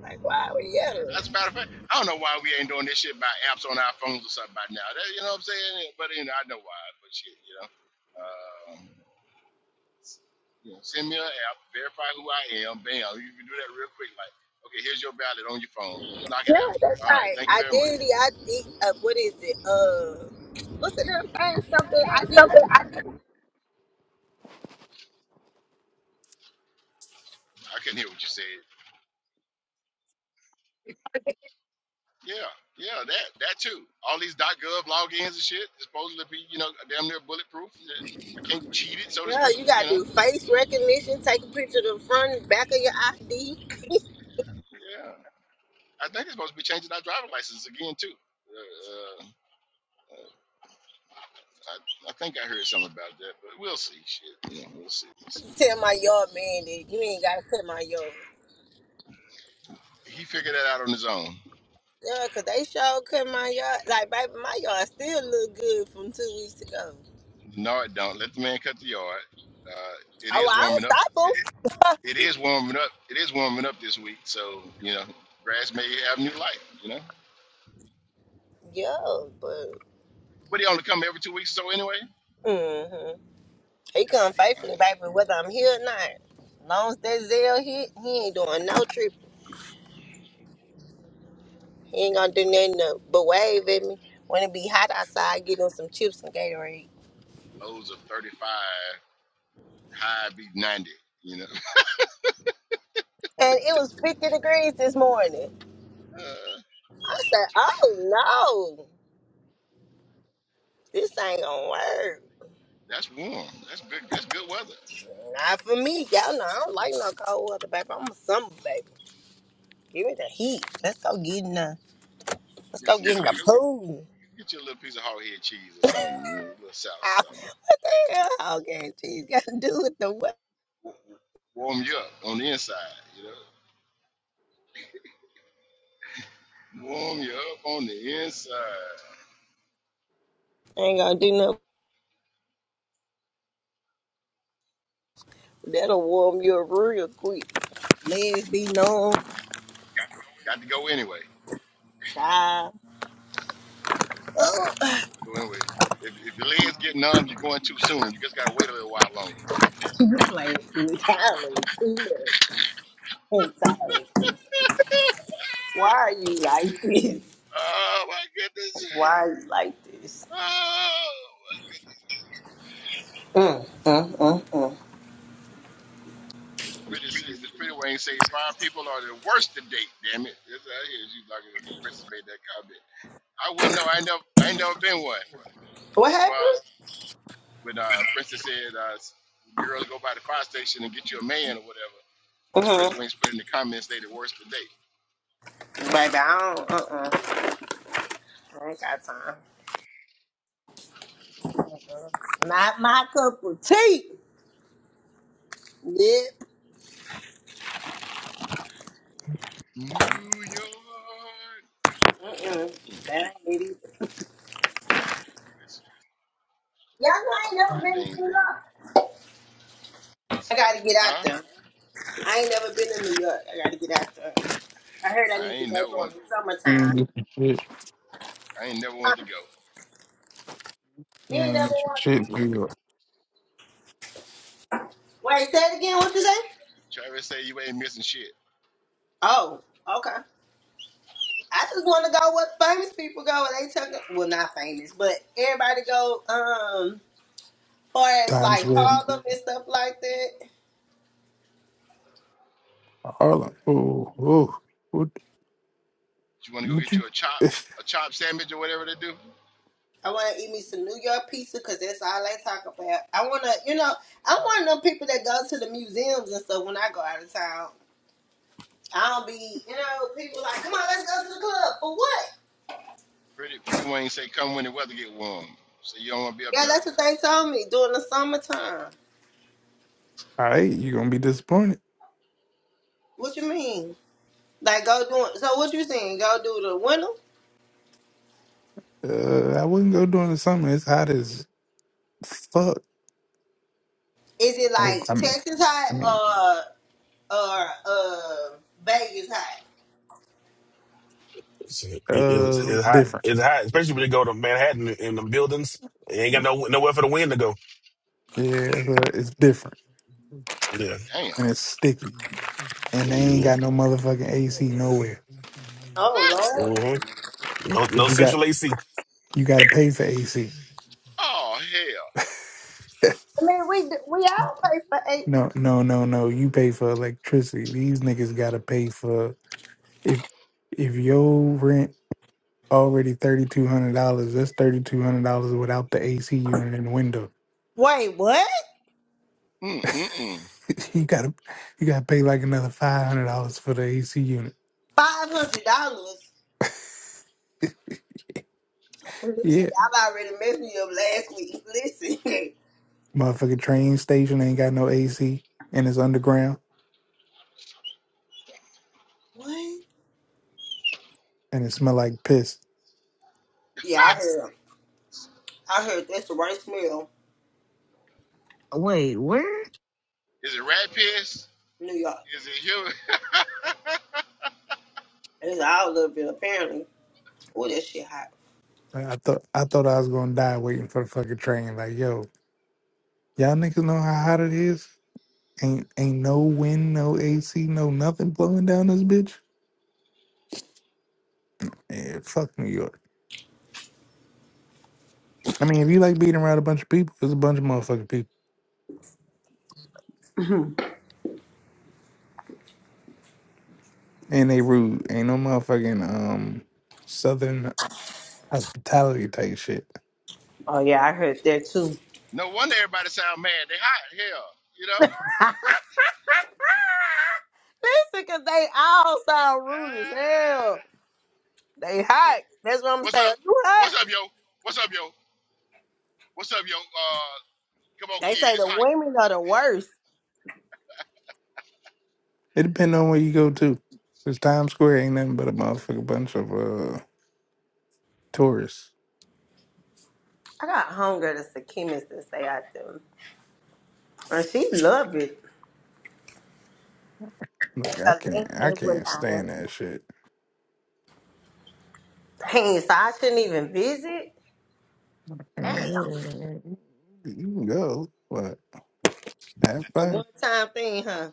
[SPEAKER 2] like why were you yelling?
[SPEAKER 1] As a matter of fact, I don't know why we ain't doing this shit by apps on our phones or something by now. That, you know what I'm saying? But you know, I know why, but shit, you know. Um, Yeah, send me an app, verify who I am. Bam, you can do that real quick. Like, okay, here's your ballot on your phone. Knock
[SPEAKER 2] Yeah,
[SPEAKER 1] it out.
[SPEAKER 2] that's
[SPEAKER 1] All right,
[SPEAKER 2] right.
[SPEAKER 1] thank you very much.
[SPEAKER 2] Identity. I think, uh, what is it? Uh, what's the damn thing? Something ID.
[SPEAKER 1] I couldn't hear what you said. Yeah, yeah, that that too. All these .gov logins and shit is supposed to be, you know, damn near bulletproof. I can't cheat it, so to
[SPEAKER 2] Yeah,
[SPEAKER 1] speak.
[SPEAKER 2] you
[SPEAKER 1] You
[SPEAKER 2] gotta
[SPEAKER 1] know.
[SPEAKER 2] do face recognition. Take a picture of the front and back of your ID
[SPEAKER 1] Yeah, I think it's supposed to be changing our driver's license again too. Uh, uh, I, I think I heard something about that, but we'll see. Shit, yeah, we'll see. We'll see.
[SPEAKER 2] tell my yard man that you ain't gotta cut my yard.
[SPEAKER 1] He figured that out on his own.
[SPEAKER 2] Yeah, 'cause they sure cut my yard. Like, baby, my yard still look good from two weeks ago.
[SPEAKER 1] No, it don't. Let the man cut the yard. Uh, it
[SPEAKER 2] Oh,
[SPEAKER 1] is
[SPEAKER 2] I don't
[SPEAKER 1] warming up.
[SPEAKER 2] stop
[SPEAKER 1] It,
[SPEAKER 2] 'em.
[SPEAKER 1] it is warming up. It is warming up this week. So you know, grass may have new life. You know,
[SPEAKER 2] Yeah, but
[SPEAKER 1] but he only come every two weeks. So anyway, yeah,
[SPEAKER 2] hmm he come
[SPEAKER 1] he
[SPEAKER 2] faithfully,
[SPEAKER 1] fine.
[SPEAKER 2] baby, whether I'm here or not. long as that Zell hit, he ain't doing no trip. He ain't gonna do nothing to- but wave at me. When it be hot
[SPEAKER 1] He
[SPEAKER 2] outside, get him some chips and Gatorade.
[SPEAKER 1] got lows of thirty-five, high be ninety. You know,
[SPEAKER 2] And it was 50 degrees this morning.
[SPEAKER 1] uh,
[SPEAKER 2] I said, oh no, this ain't gonna work.
[SPEAKER 1] that's warm. That's good. That's good weather.
[SPEAKER 2] Not for me. Y'all know I don't like no cold weather, baby. I'm a summer baby. Give me the heat. Let's go get in the let's go
[SPEAKER 1] Listen,
[SPEAKER 2] get in
[SPEAKER 1] go get
[SPEAKER 2] the pool.
[SPEAKER 1] get you a little piece of hog head cheese or something, you know, a little sauce,
[SPEAKER 2] Ah,
[SPEAKER 1] or something.
[SPEAKER 2] What the hell all game cheese got to do with the weather?
[SPEAKER 1] W- w- Warm you up on the inside. You know, warm you up on the inside
[SPEAKER 2] Ain't gonna do nothing. That'll warm you up real quick. Legs be numb.
[SPEAKER 1] Got to go anyway.
[SPEAKER 2] Side. Oh,
[SPEAKER 1] Go anyway. If, if your legs get numb, you're going too soon. You just gotta wait a little while longer.
[SPEAKER 2] you playing too entirely too much. Entirely. Why are you like this?
[SPEAKER 1] oh my goodness.
[SPEAKER 2] Why are you like this?
[SPEAKER 1] Oh. my goodness.
[SPEAKER 2] Mm, mm, mm, mm.
[SPEAKER 1] Miss Pretty said- Miss Pretty Wayne say fine people are the worst to date. Damn it! That's out here. She's like when Princess made that comment. I wouldn't know. I ain't never, I ain't never been one.
[SPEAKER 2] What happened?
[SPEAKER 1] Well, when uh, Princess said uh, girls go by the fire station and get you a man or whatever, Miss Pretty
[SPEAKER 2] Mm-hmm.
[SPEAKER 1] Wings put in the comments they the worst to date.
[SPEAKER 2] Baby, I don't. Uh-uh. I ain't got time. Not my cup of tea. Yep.
[SPEAKER 1] New York.
[SPEAKER 2] Mm-mm.
[SPEAKER 1] Mm.
[SPEAKER 2] That ain't it either.
[SPEAKER 1] Listen,
[SPEAKER 2] Y'all know I ain't never
[SPEAKER 1] God
[SPEAKER 2] been to
[SPEAKER 1] dang,
[SPEAKER 2] New York. I
[SPEAKER 1] listen.
[SPEAKER 2] gotta get out
[SPEAKER 1] Huh?
[SPEAKER 2] there. I ain't never been to New York. I gotta get out there. I heard I
[SPEAKER 1] I
[SPEAKER 2] need to
[SPEAKER 1] ain't
[SPEAKER 2] go
[SPEAKER 1] never
[SPEAKER 2] during
[SPEAKER 1] want.
[SPEAKER 2] the summertime.
[SPEAKER 1] I ain't never
[SPEAKER 2] Huh?
[SPEAKER 1] want to go.
[SPEAKER 2] You ain't
[SPEAKER 5] Man,
[SPEAKER 2] never
[SPEAKER 5] it's
[SPEAKER 2] want to.
[SPEAKER 5] shit, dude.
[SPEAKER 2] Wait, say it again. What you say?
[SPEAKER 1] Tra- Travis say you ain't missing shit.
[SPEAKER 2] Oh, okay. I just want to go where famous people go. and They took well, not famous, but everybody go um, far as
[SPEAKER 5] Times
[SPEAKER 2] like
[SPEAKER 5] Square,
[SPEAKER 2] Harlem and stuff like that.
[SPEAKER 5] Harlem. Ooh, ooh, what?
[SPEAKER 1] You want to go
[SPEAKER 5] What
[SPEAKER 1] get
[SPEAKER 5] you?
[SPEAKER 1] you a chop,
[SPEAKER 5] All
[SPEAKER 1] a chop sandwich or whatever they do.
[SPEAKER 2] I want to eat me some New York pizza because that's all they talk about. I want to, you know, I'm one of them people that go to the museums and stuff when I go out of town. I don't be, you know, people like, come on, let's go to the club. For what?
[SPEAKER 1] Pretty, pretty Wayne say come when the weather get warm. So you don't want to be up
[SPEAKER 2] Yeah,
[SPEAKER 1] there.
[SPEAKER 2] that's what they told me during the summertime.
[SPEAKER 5] right, you gonna be disappointed.
[SPEAKER 2] What you mean? Like, go doing, so what you saying? Go do the winter?
[SPEAKER 5] Uh, I wouldn't go during the summer. It's hot as fuck.
[SPEAKER 2] Is it
[SPEAKER 5] Well,
[SPEAKER 2] like
[SPEAKER 5] I mean,
[SPEAKER 2] Texas
[SPEAKER 5] I mean,
[SPEAKER 2] hot or, or, uh, Vegas hot?
[SPEAKER 6] It's, it, it's,
[SPEAKER 5] uh,
[SPEAKER 6] it's
[SPEAKER 5] it's
[SPEAKER 6] hot.
[SPEAKER 5] different.
[SPEAKER 6] It's hot, especially when they go to Manhattan in the buildings. They ain't
[SPEAKER 5] Yeah,
[SPEAKER 6] got no nowhere for the wind to go.
[SPEAKER 5] it's, uh, it's different
[SPEAKER 6] Yeah,
[SPEAKER 1] Damn.
[SPEAKER 5] and it's sticky. And they ain't
[SPEAKER 6] yeah.
[SPEAKER 5] got no motherfucking AC nowhere.
[SPEAKER 2] Oh,
[SPEAKER 1] What?
[SPEAKER 2] Lord.
[SPEAKER 6] hmm No,
[SPEAKER 5] Cause
[SPEAKER 6] no
[SPEAKER 5] you got
[SPEAKER 6] central AC.
[SPEAKER 5] you got to pay for AC.
[SPEAKER 1] Oh
[SPEAKER 2] I mean, we, we all pay for eight.
[SPEAKER 5] No, no, no, no. You pay for electricity. These niggas gotta pay for if if your rent Already $3,200. That's $3,200 without the AC unit and the window.
[SPEAKER 2] Wait, what?
[SPEAKER 1] hell. Mm mm mm.
[SPEAKER 5] you gotta you gotta pay like another $500 for the AC unit.
[SPEAKER 2] $500? Listen,
[SPEAKER 5] Yeah.
[SPEAKER 2] y'all already messed me up last week. Listen.
[SPEAKER 5] Motherfucking train station ain't got no AC and it's underground
[SPEAKER 2] What?
[SPEAKER 5] and it smell like piss.
[SPEAKER 2] Yeah, I
[SPEAKER 1] Ah,
[SPEAKER 2] heard. I heard that's the right smell,
[SPEAKER 3] Wait, where?
[SPEAKER 1] Is it rat piss?
[SPEAKER 2] New York.
[SPEAKER 1] Is it human?
[SPEAKER 2] And It's all of it apparently. Oh, that shit hot.
[SPEAKER 5] Like, I thought I thought I was gonna die waiting for the fucking train. Like, yo, y'all niggas know how hot it is? Ain't ain't no wind, no AC, no nothing blowing down this bitch. Yeah, fuck New York. I mean, if you like being around a bunch of people, there's a bunch of motherfucking people. And they rude. Ain't no motherfucking um southern hospitality type shit.
[SPEAKER 2] Oh yeah, I heard that too. Listen,
[SPEAKER 1] no wonder everybody sound mad. They hot. Hell, you know.
[SPEAKER 2] cause they all sound rude as hell.
[SPEAKER 1] Ah.
[SPEAKER 2] They hot. That's what I'm
[SPEAKER 1] What's up?
[SPEAKER 2] saying. You hot?
[SPEAKER 1] What's up, yo? What's up, yo? What's up, yo? Uh, Come on,
[SPEAKER 2] They
[SPEAKER 1] kid.
[SPEAKER 2] say
[SPEAKER 1] It's
[SPEAKER 2] the
[SPEAKER 1] hot.
[SPEAKER 2] women are the worst.
[SPEAKER 5] It depend on where you go to. Cause Times Square ain't nothing but a motherfucking bunch of uh tourists.
[SPEAKER 2] I got hunger that's a chemist that say I do. And she love it.
[SPEAKER 5] Look, I can't
[SPEAKER 2] Elaine
[SPEAKER 5] I
[SPEAKER 2] Edwin
[SPEAKER 5] can't
[SPEAKER 2] down there.
[SPEAKER 5] stand that shit.
[SPEAKER 2] Dang, so I shouldn't even visit? Damn.
[SPEAKER 5] Mm, yeah, You can go, but have
[SPEAKER 2] The
[SPEAKER 5] fun.
[SPEAKER 2] one time thing, huh?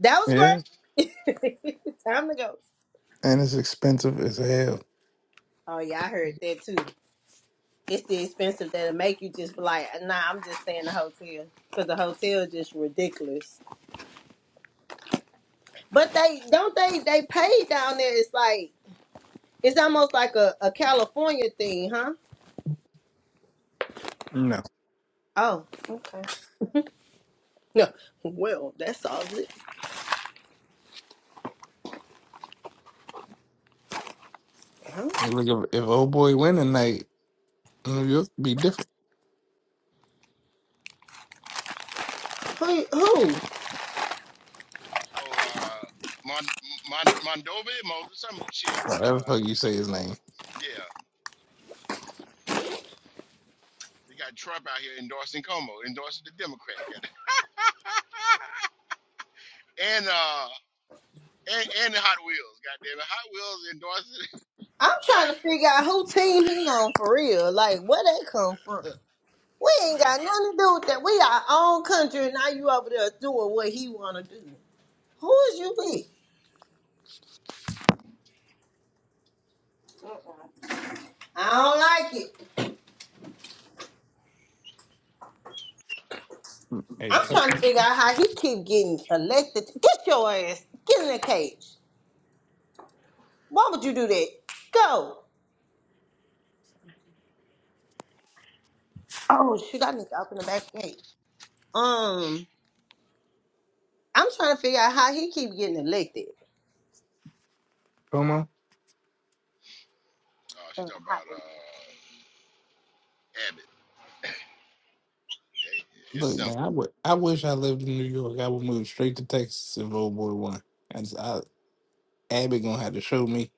[SPEAKER 2] That was
[SPEAKER 5] Yeah.
[SPEAKER 2] great. time to go.
[SPEAKER 5] And it's expensive as hell.
[SPEAKER 2] Oh yeah, I heard that too. It's the expensive that'll make you just be like, nah, I'm just staying in the hotel. Cause the hotel just ridiculous. But they don't they they pay down there. It's like it's almost like a, a California thing, huh?
[SPEAKER 5] No.
[SPEAKER 2] Oh, okay. No, well, that solves it. Huh?
[SPEAKER 5] Hey, look if, if old boy win tonight, New York be different.
[SPEAKER 2] Who? who?
[SPEAKER 1] Oh, uh, Mon, Mon, Mondovi, Mo, some shit.
[SPEAKER 5] Whatever the
[SPEAKER 1] Uh,
[SPEAKER 5] fuck you say his name.
[SPEAKER 1] yeah, we got Trump out here endorsing Como, endorsing the Democrat. Got it. and uh, and, and the Hot Wheels. Goddamn it, Hot Wheels endorsing.
[SPEAKER 2] I'm trying to figure out who team he on for real. Like, where that come from? We ain't
[SPEAKER 1] Goddamn
[SPEAKER 2] got nothing
[SPEAKER 1] Hot.
[SPEAKER 2] to do with that. We our own country, and now you over there doing what he wanna do. Who is you with? I don't like it.
[SPEAKER 5] Hey,
[SPEAKER 2] I'm
[SPEAKER 5] Tech
[SPEAKER 2] trying to figure out how he keep getting selected. Get your ass. Get in the cage. Why would you do that? Go. Oh shoot! I need to open the back gate. Um, I'm trying to figure out how he keep getting elected.
[SPEAKER 5] Como.
[SPEAKER 1] Oh, She's
[SPEAKER 2] Uh,
[SPEAKER 1] talking
[SPEAKER 2] how
[SPEAKER 1] about
[SPEAKER 2] we-
[SPEAKER 1] uh Abbott. Hey, It's
[SPEAKER 5] Look, man, I
[SPEAKER 1] simple.
[SPEAKER 5] would. I wish I lived in New York. I would move straight to Texas if old boy won. I just, I, Abby gonna have to show me,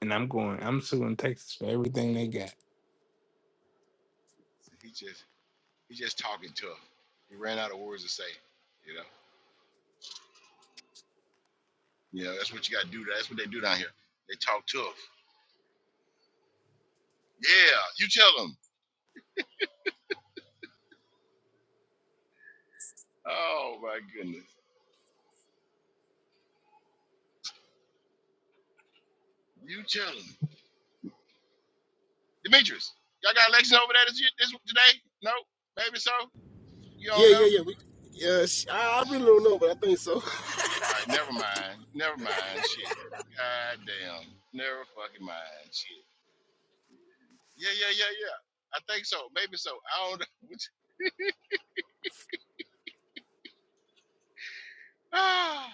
[SPEAKER 5] and I'm going. I'm suing Texas for everything they got.
[SPEAKER 1] He just he just talking to her. He ran out of words to say. You know. You know that's what you got to do. That's what they do down here. They talk tough. Yeah, you tell them. Oh my goodness. You chilling. Demetrius, y'all got election over there this, year- this today? No? Maybe so? You
[SPEAKER 7] Yeah,
[SPEAKER 1] don't
[SPEAKER 7] yeah,
[SPEAKER 1] know?
[SPEAKER 7] yeah. We, yeah, sh- I, I really don't know, but I think so.
[SPEAKER 1] Alright, never mind. Never mind. Shit. God damn. Never fucking mind. Shit. Yeah, yeah, yeah, yeah. I think so. Maybe so. I don't know. Which- Ah,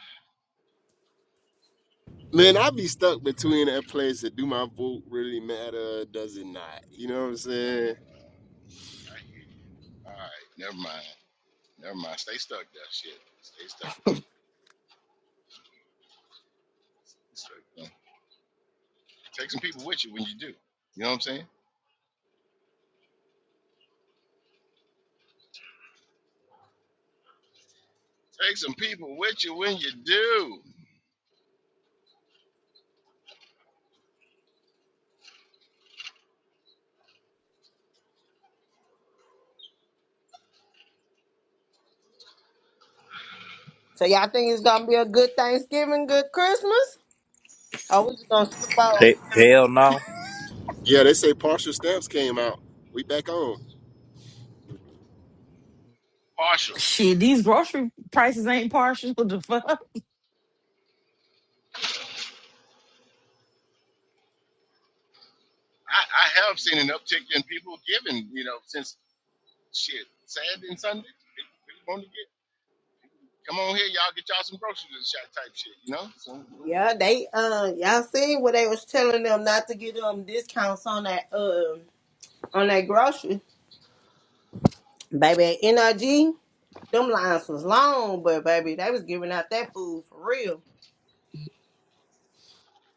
[SPEAKER 7] Man, I be stuck
[SPEAKER 1] I
[SPEAKER 7] between
[SPEAKER 1] hear
[SPEAKER 7] that place that do my vote really matter? Does it not? You know what I'm
[SPEAKER 1] you. Ah,
[SPEAKER 7] saying?
[SPEAKER 1] I hear you. Alright, never mind. Never mind. Stay stuck there. Shit. Stay stuck there. Stay stuck there. Take some people with you when you do. You know what I'm saying? Take some people with you when you do.
[SPEAKER 2] so y'all think it's gonna be a good Thanksgiving, good Christmas? I was just gonna slip out.
[SPEAKER 8] He- Hell no.
[SPEAKER 7] Yeah, they say partial stamps came out. We back on.
[SPEAKER 1] Partial.
[SPEAKER 3] Shit, these grocery prices ain't partial. What the fuck?
[SPEAKER 1] I, I have seen an uptick in people giving, you know, since shit, Saturday and Sunday. People, people want to get, come on here, y'all get y'all some groceries and shot type shit, you know? So,
[SPEAKER 2] Yeah, they uh y'all seen what they was telling them not to get um discounts on that um on that grocery. Baby at NRG, them lines was long, but baby, they was giving out that food for real.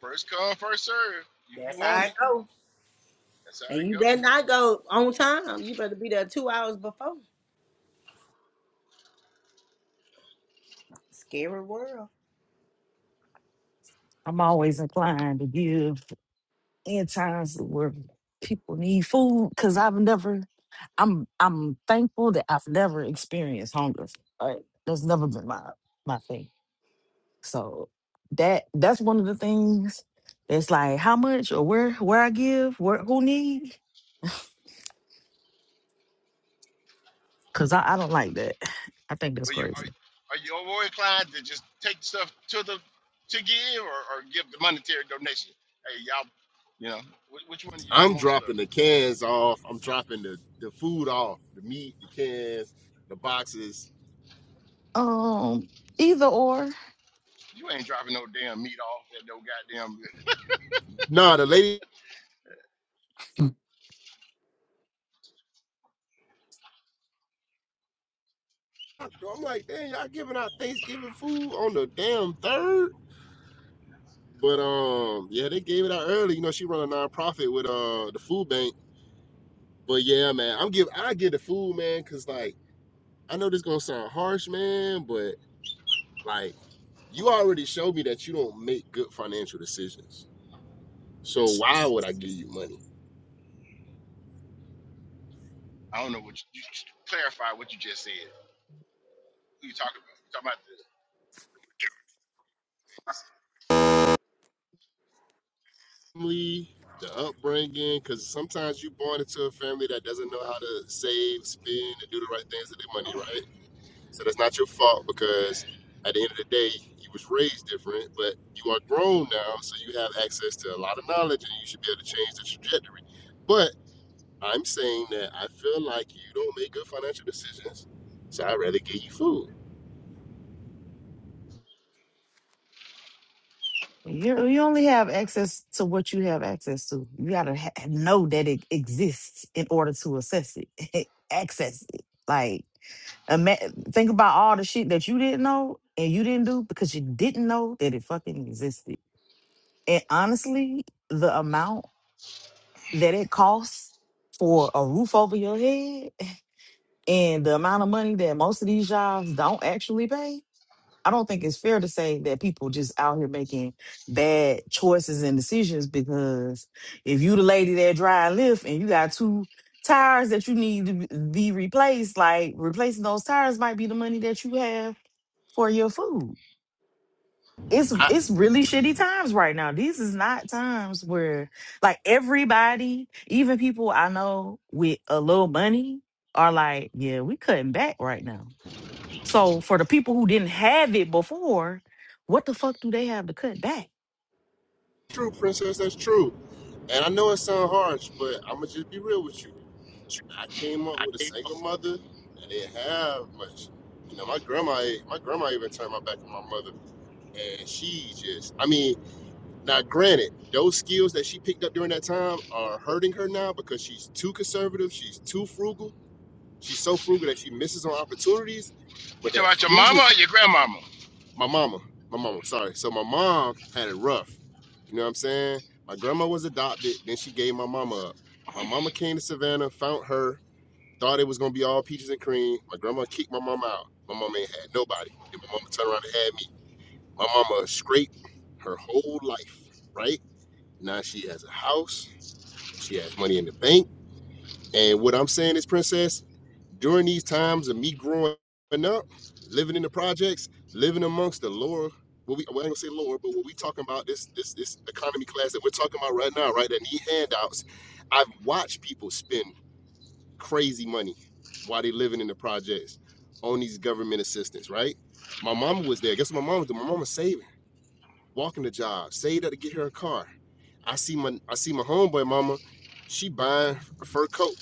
[SPEAKER 1] first come, first serve. If you
[SPEAKER 2] That's how
[SPEAKER 1] want it,
[SPEAKER 2] I go.
[SPEAKER 1] that's how
[SPEAKER 2] And
[SPEAKER 1] it
[SPEAKER 2] you better
[SPEAKER 1] go.
[SPEAKER 2] not go on time. You better be there two hours before. Scary world.
[SPEAKER 3] I'm always inclined to give in times where people need food because I've never, I'm I'm thankful that I've never experienced hunger. Right? That's never been my my thing. So that that's one of the things that's like how much or where where I give, where who need? Cause I, I don't like that. I think that's
[SPEAKER 1] But you
[SPEAKER 3] crazy.
[SPEAKER 1] are, are you more inclined to just take stuff to the to give or, or give the monetary donation? Hey, y'all, you know, which, which one do you do
[SPEAKER 7] I'm
[SPEAKER 1] most
[SPEAKER 7] dropping
[SPEAKER 1] love?
[SPEAKER 7] the cans off. I'm dropping the, the food off, the meat, the cans, the boxes.
[SPEAKER 3] Um, either or.
[SPEAKER 1] You ain't dropping no damn meat off at no goddamn uh,
[SPEAKER 7] Nah, the lady. I'm like, damn, y'all giving out Thanksgiving food on the damn third? But um, yeah, they gave it out early. You know, she run a nonprofit with uh the food bank. But yeah, man, I'm give I get the food, man, cause like I know this gonna sound harsh, man, but like you already showed me that you don't make good financial decisions. So why would I give you money?
[SPEAKER 1] I don't know what you, you should clarify what you just said. Who you talking about? You talking about
[SPEAKER 7] Family, the upbringing, because sometimes you born into a family that doesn't know how to save, spend, and do the right things with their money, right? So that's not your fault because at the end of the day, you was raised different, but you are grown now, so you have access to a lot of knowledge and you should be able to change the trajectory. But I'm saying that I feel like you don't make good financial decisions, so I'd rather give you food.
[SPEAKER 3] You you only have access to what you have access to. You gotta ha- know that it exists in order to assess it, access it. Like, ima- think about all the shit that you didn't know and you didn't do because you didn't know that it fucking existed. And honestly, the amount that it costs for a roof over your head and the amount of money that most of these jobs don't actually pay I don't think it's fair to say that people just out here making bad choices and decisions because if you the lady that drive lift and you got two tires that you need to be be replaced, like replacing those tires might be the money that you have for your food. It's
[SPEAKER 7] I,
[SPEAKER 3] it's really shitty times right now. These is not times where like everybody, even people I know with a little money are like, yeah, we cutting back right now. So for the people who didn't have it before, what the fuck do they have to cut back?
[SPEAKER 7] true, princess, that's true. And I know it sounds harsh, but I'm gonna just be real with you. I came up with a single mother and didn't have much. You know, my grandma, my grandma even turned my back on my mother, and she just, I mean, now granted, those skills that she picked up during that time are hurting her now because she's too conservative, she's too frugal, she's so frugal that she misses on opportunities.
[SPEAKER 1] the You
[SPEAKER 7] But that
[SPEAKER 1] talking about your
[SPEAKER 7] frugal
[SPEAKER 1] mama or your grandmama?
[SPEAKER 7] my mama, my mama, sorry. So my mom had it rough. You know what I'm saying? My grandma was adopted, then she gave my mama up. My mama came to Savannah, found her, thought it was gonna be all peaches and cream. My grandma kicked my mama out. My mama ain't had nobody. Then my mama turned around and had me. My mama scraped her whole life, right? Now she has a house, she has money in the bank. And what I'm saying is, princess, during these times of me growing up, living in the projects, living amongst the lower, what we, well, I ain't gonna say lower, but what we talking about this this this economy class that we're talking about right now, right? That need handouts. I've watched people spend crazy money while they living in the projects on these government assistance, right? My mama was there. Guess what my mama did? My mama saving, walking the job, saved up to get her a car. I see my I see my homeboy mama, she buying a fur coat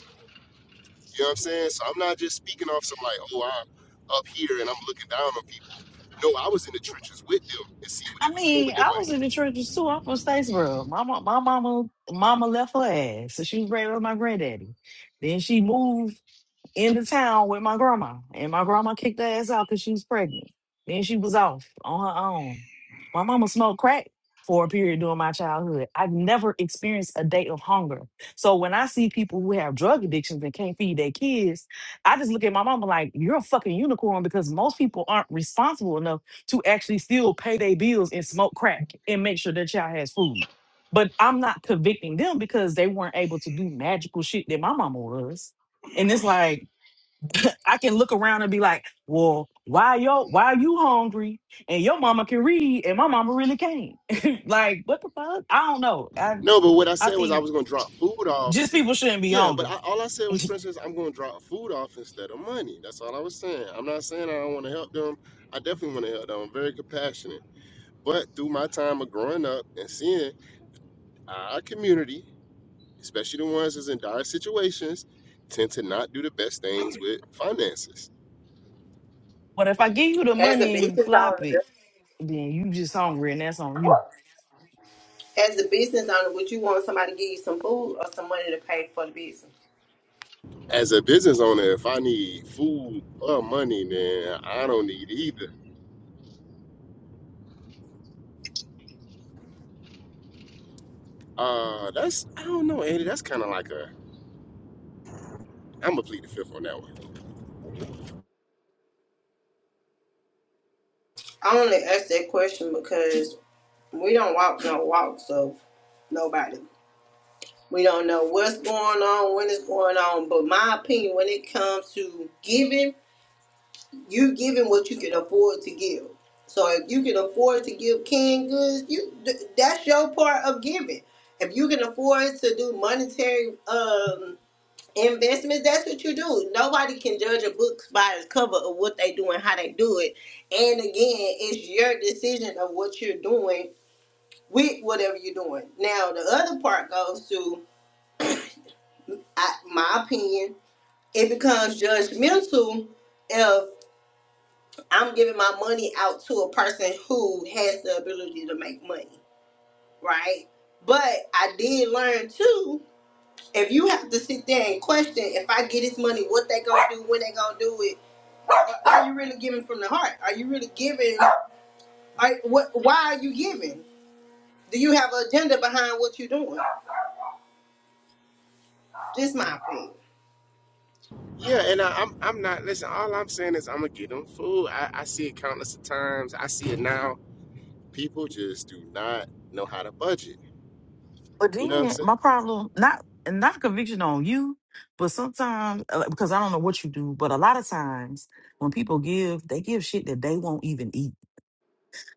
[SPEAKER 7] you know what I'm saying? So I'm not just speaking off some like, oh, I'm up here and I'm looking down on people. No, I was in the trenches with them and seeing what they
[SPEAKER 3] I
[SPEAKER 7] was doing with
[SPEAKER 3] mean,
[SPEAKER 7] their
[SPEAKER 3] I
[SPEAKER 7] money.
[SPEAKER 3] was in the trenches too. I'm from Statesboro. My mo- my mama mama left her ass, so she was raised with my granddaddy. Then she moved. in the town with my grandma, and my grandma kicked her ass out because she was pregnant. Then she was off on her own. My mama smoked crack for a period during my childhood. I've never experienced a day of hunger. So when I see people who have drug addictions and can't feed their kids, I just look at my mama like, you're a fucking unicorn because most people aren't responsible enough to actually still pay their bills and smoke crack and make sure their child has food. But I'm not convicting them because they weren't able to do magical shit that my mama was. And it's like, I can look around and be like, well, why yo why you hungry? And your mama can read and my mama really can't. like, what the fuck? I don't know. I
[SPEAKER 7] No, but what I
[SPEAKER 3] I
[SPEAKER 7] said was I
[SPEAKER 3] think
[SPEAKER 7] was gonna drop food off.
[SPEAKER 3] just people shouldn't be
[SPEAKER 7] Yeah, but I,
[SPEAKER 3] hungry.
[SPEAKER 7] all I said was, Princess, I'm gonna drop food off instead of money. That's all I was saying. I'm not saying I don't want to help them. I definitely want to help them. I'm very compassionate. But through my time of growing up and seeing our community especially the ones that's in dire situations, tend to not do the best things with finances.
[SPEAKER 3] but if I give you the
[SPEAKER 2] As a
[SPEAKER 3] money and you
[SPEAKER 2] business
[SPEAKER 3] flop it,
[SPEAKER 2] owner,
[SPEAKER 3] then you just hungry and that's on you.
[SPEAKER 2] as a business owner, would you want somebody to give you some food or some money to pay for the business?
[SPEAKER 7] As a business owner, if I need food or money, then I don't need either. Uh, that's I don't know, Andy. That's kind of like a I'm gonna plead the fifth on that one.
[SPEAKER 2] I only asked that question because we don't walk no walks of nobody. We don't know what's going on, when it's going on. But my opinion, when it comes to giving, you giving what you can afford to give. So if you can afford to give canned goods, you th- that's your part of giving. If you can afford to do monetary, um investments that's what you do nobody can judge a book by its cover of what they do and how they do it and again it's your decision of what you're doing with whatever you're doing now the other part goes to I, my opinion it becomes judgmental if i'm giving my money out to a person who has the ability to make money right but i did learn too if you have to sit there and question if i get this money what they gonna do when they gonna do it Are you really giving from the heart? Are you really giving? Are, what, why are you giving? Do you have an agenda behind what you're doing? Just my opinion.
[SPEAKER 7] Yeah, and I, I'm I'm not listen. All I'm saying is I'm gonna get them food. I, I see it countless of times. I see it now. people just do not know how to budget.
[SPEAKER 3] But
[SPEAKER 7] You know what I'm
[SPEAKER 3] then
[SPEAKER 7] saying?
[SPEAKER 3] my problem, not and not conviction on you, but sometimes uh, like, because I don't know what you do, but a lot of times when people give, they give shit that they won't even eat.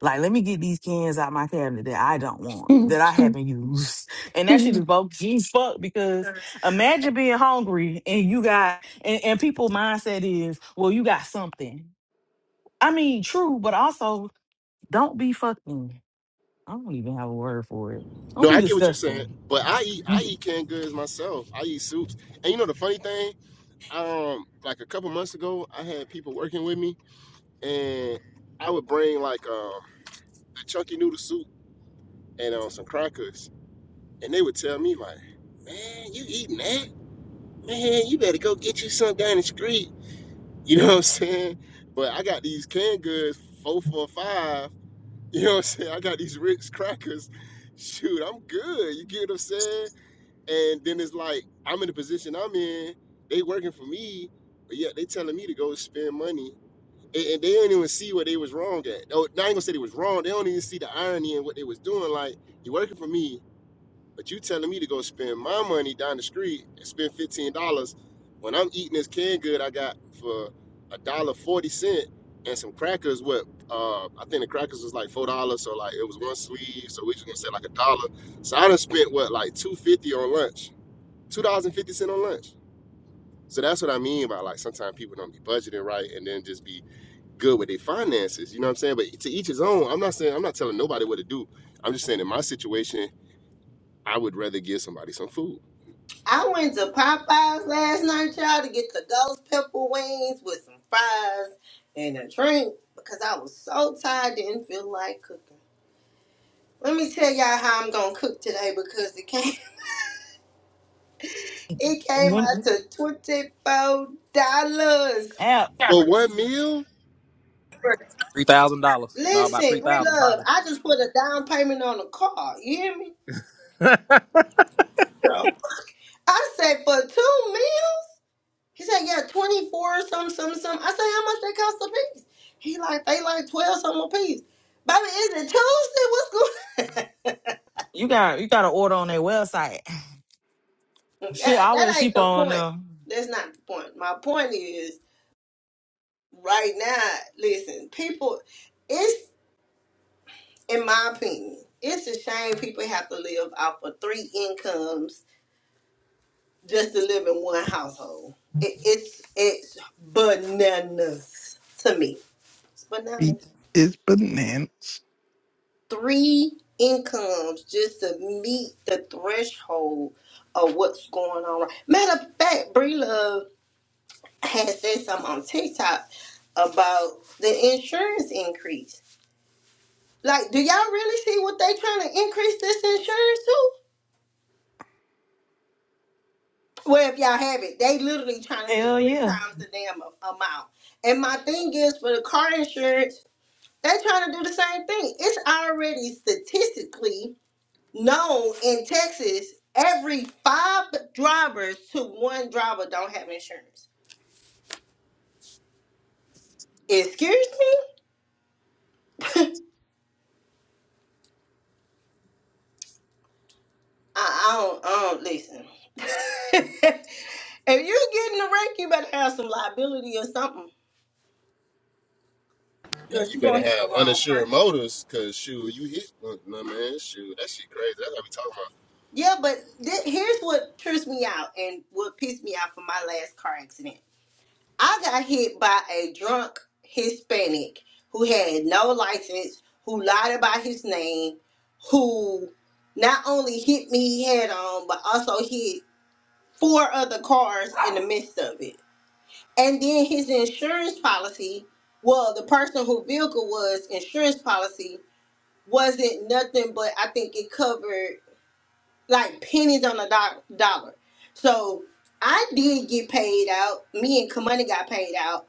[SPEAKER 3] Like, let me get these cans out my cabinet that I don't want, that I haven't used, and that shit is bogus as fuck. Because imagine being hungry and you got and, and people mindset is, well, you got something. I mean, true, but also don't be fucking. I don't even have a word for it.
[SPEAKER 7] No,
[SPEAKER 3] Don't be
[SPEAKER 7] I get what you're saying,
[SPEAKER 3] disgusting.
[SPEAKER 7] but I eat I eat canned goods myself. I eat soups, and you know the funny thing, um, like a couple months ago, I had people working with me, and I would bring like um a chunky noodle soup and um some crackers, and they would tell me like, "Man, you eating that? Man, you better go get you some down the street." You know what I'm saying? But I got these canned goods four for five. You know what I'm saying? I got these Ritz crackers. Shoot, I'm good. You get what I'm saying? And then it's like I'm in the position I'm in. They working for me, but yet they telling me to go spend money, and, and they don't even see what they was wrong at. Oh, I ain't gonna say they was wrong. They don't even see the irony in what they was doing. Like you working for me. But you telling me to go spend my money down the street and spend fifteen dollars when I'm eating this canned good I got for a dollar forty cent and some crackers. What uh, I think the crackers was like four dollars, so like it was one sleeve, so we just gonna say like a dollar. So I done spent what like two fifty on lunch, two dollars and fifty cent on lunch. So that's what I mean by like sometimes people don't be budgeting right and then just be good with their finances. You know what I'm saying? But to each his own. I'm not saying I'm not telling nobody what to do. I'm just saying in my situation. I would rather give somebody some food.
[SPEAKER 2] I went to Popeyes last night, y'all, to get the ghost pepper wings with some fries and a drink because I was so tired, didn't feel like cooking. Let me tell y'all how I'm gonna cook today because it came it came
[SPEAKER 3] When
[SPEAKER 2] out to twenty four dollars.
[SPEAKER 7] For one meal?
[SPEAKER 8] Three thousand dollars. No, about
[SPEAKER 2] Listen,
[SPEAKER 8] three
[SPEAKER 2] Brie
[SPEAKER 8] thousand probably.
[SPEAKER 2] Love, I just put a down payment on a car. You hear me? So I said, for two meals? He said, yeah, 24, some, some, some. I said, how much they cost a piece? He like, they like 12 something a piece. Baby, is it Tuesday? What's going
[SPEAKER 3] You got you got to order on their website. Shit,
[SPEAKER 2] that,
[SPEAKER 3] I wear
[SPEAKER 2] that ain't
[SPEAKER 3] sheep
[SPEAKER 2] the
[SPEAKER 3] on
[SPEAKER 2] point.
[SPEAKER 3] them.
[SPEAKER 2] That's not the point. My point is, right now, listen, people, it's, in my opinion, it's a shame people have to live off of three incomes just to live in one household. It, it's, it's bananas to me. It's
[SPEAKER 5] Beat
[SPEAKER 2] bananas.
[SPEAKER 5] is bananas.
[SPEAKER 2] three incomes just to meet the threshold of what's going on. Matter of fact, Bree Love had said something on TikTok about the insurance increase. Like, do y'all really see what they trying to increase this insurance to? Well, if y'all have it, they literally trying to do
[SPEAKER 3] Hell
[SPEAKER 2] three
[SPEAKER 3] yeah.
[SPEAKER 2] times the damn a- amount. And my thing is for the car insurance, they trying to do the same thing. It's already statistically No, in Texas, every five drivers to one driver don't have insurance. Excuse me? I, I don't. I don't listen. if you're getting a wreck, you better have some liability or something,
[SPEAKER 7] Now
[SPEAKER 2] cause
[SPEAKER 7] you
[SPEAKER 2] you're
[SPEAKER 7] better
[SPEAKER 2] gonna hit the
[SPEAKER 7] have
[SPEAKER 2] wrong
[SPEAKER 7] uninsured
[SPEAKER 2] person.
[SPEAKER 7] motors, cause shoot, you hit no man, shoot, that shit crazy. That's what we talking about.
[SPEAKER 2] Yeah, but th- here's what trips me out and what pissed me out for my last car accident. I got hit by a drunk Hispanic who had no license, who lied about his name, who not only hit me head on, but also hit four other cars in the midst of it. And then his insurance policy, well, the person who vehicle was insurance policy wasn't nothing but I think it covered like pennies on a do- dollar. So I did get paid out. Me and Kamani got paid out.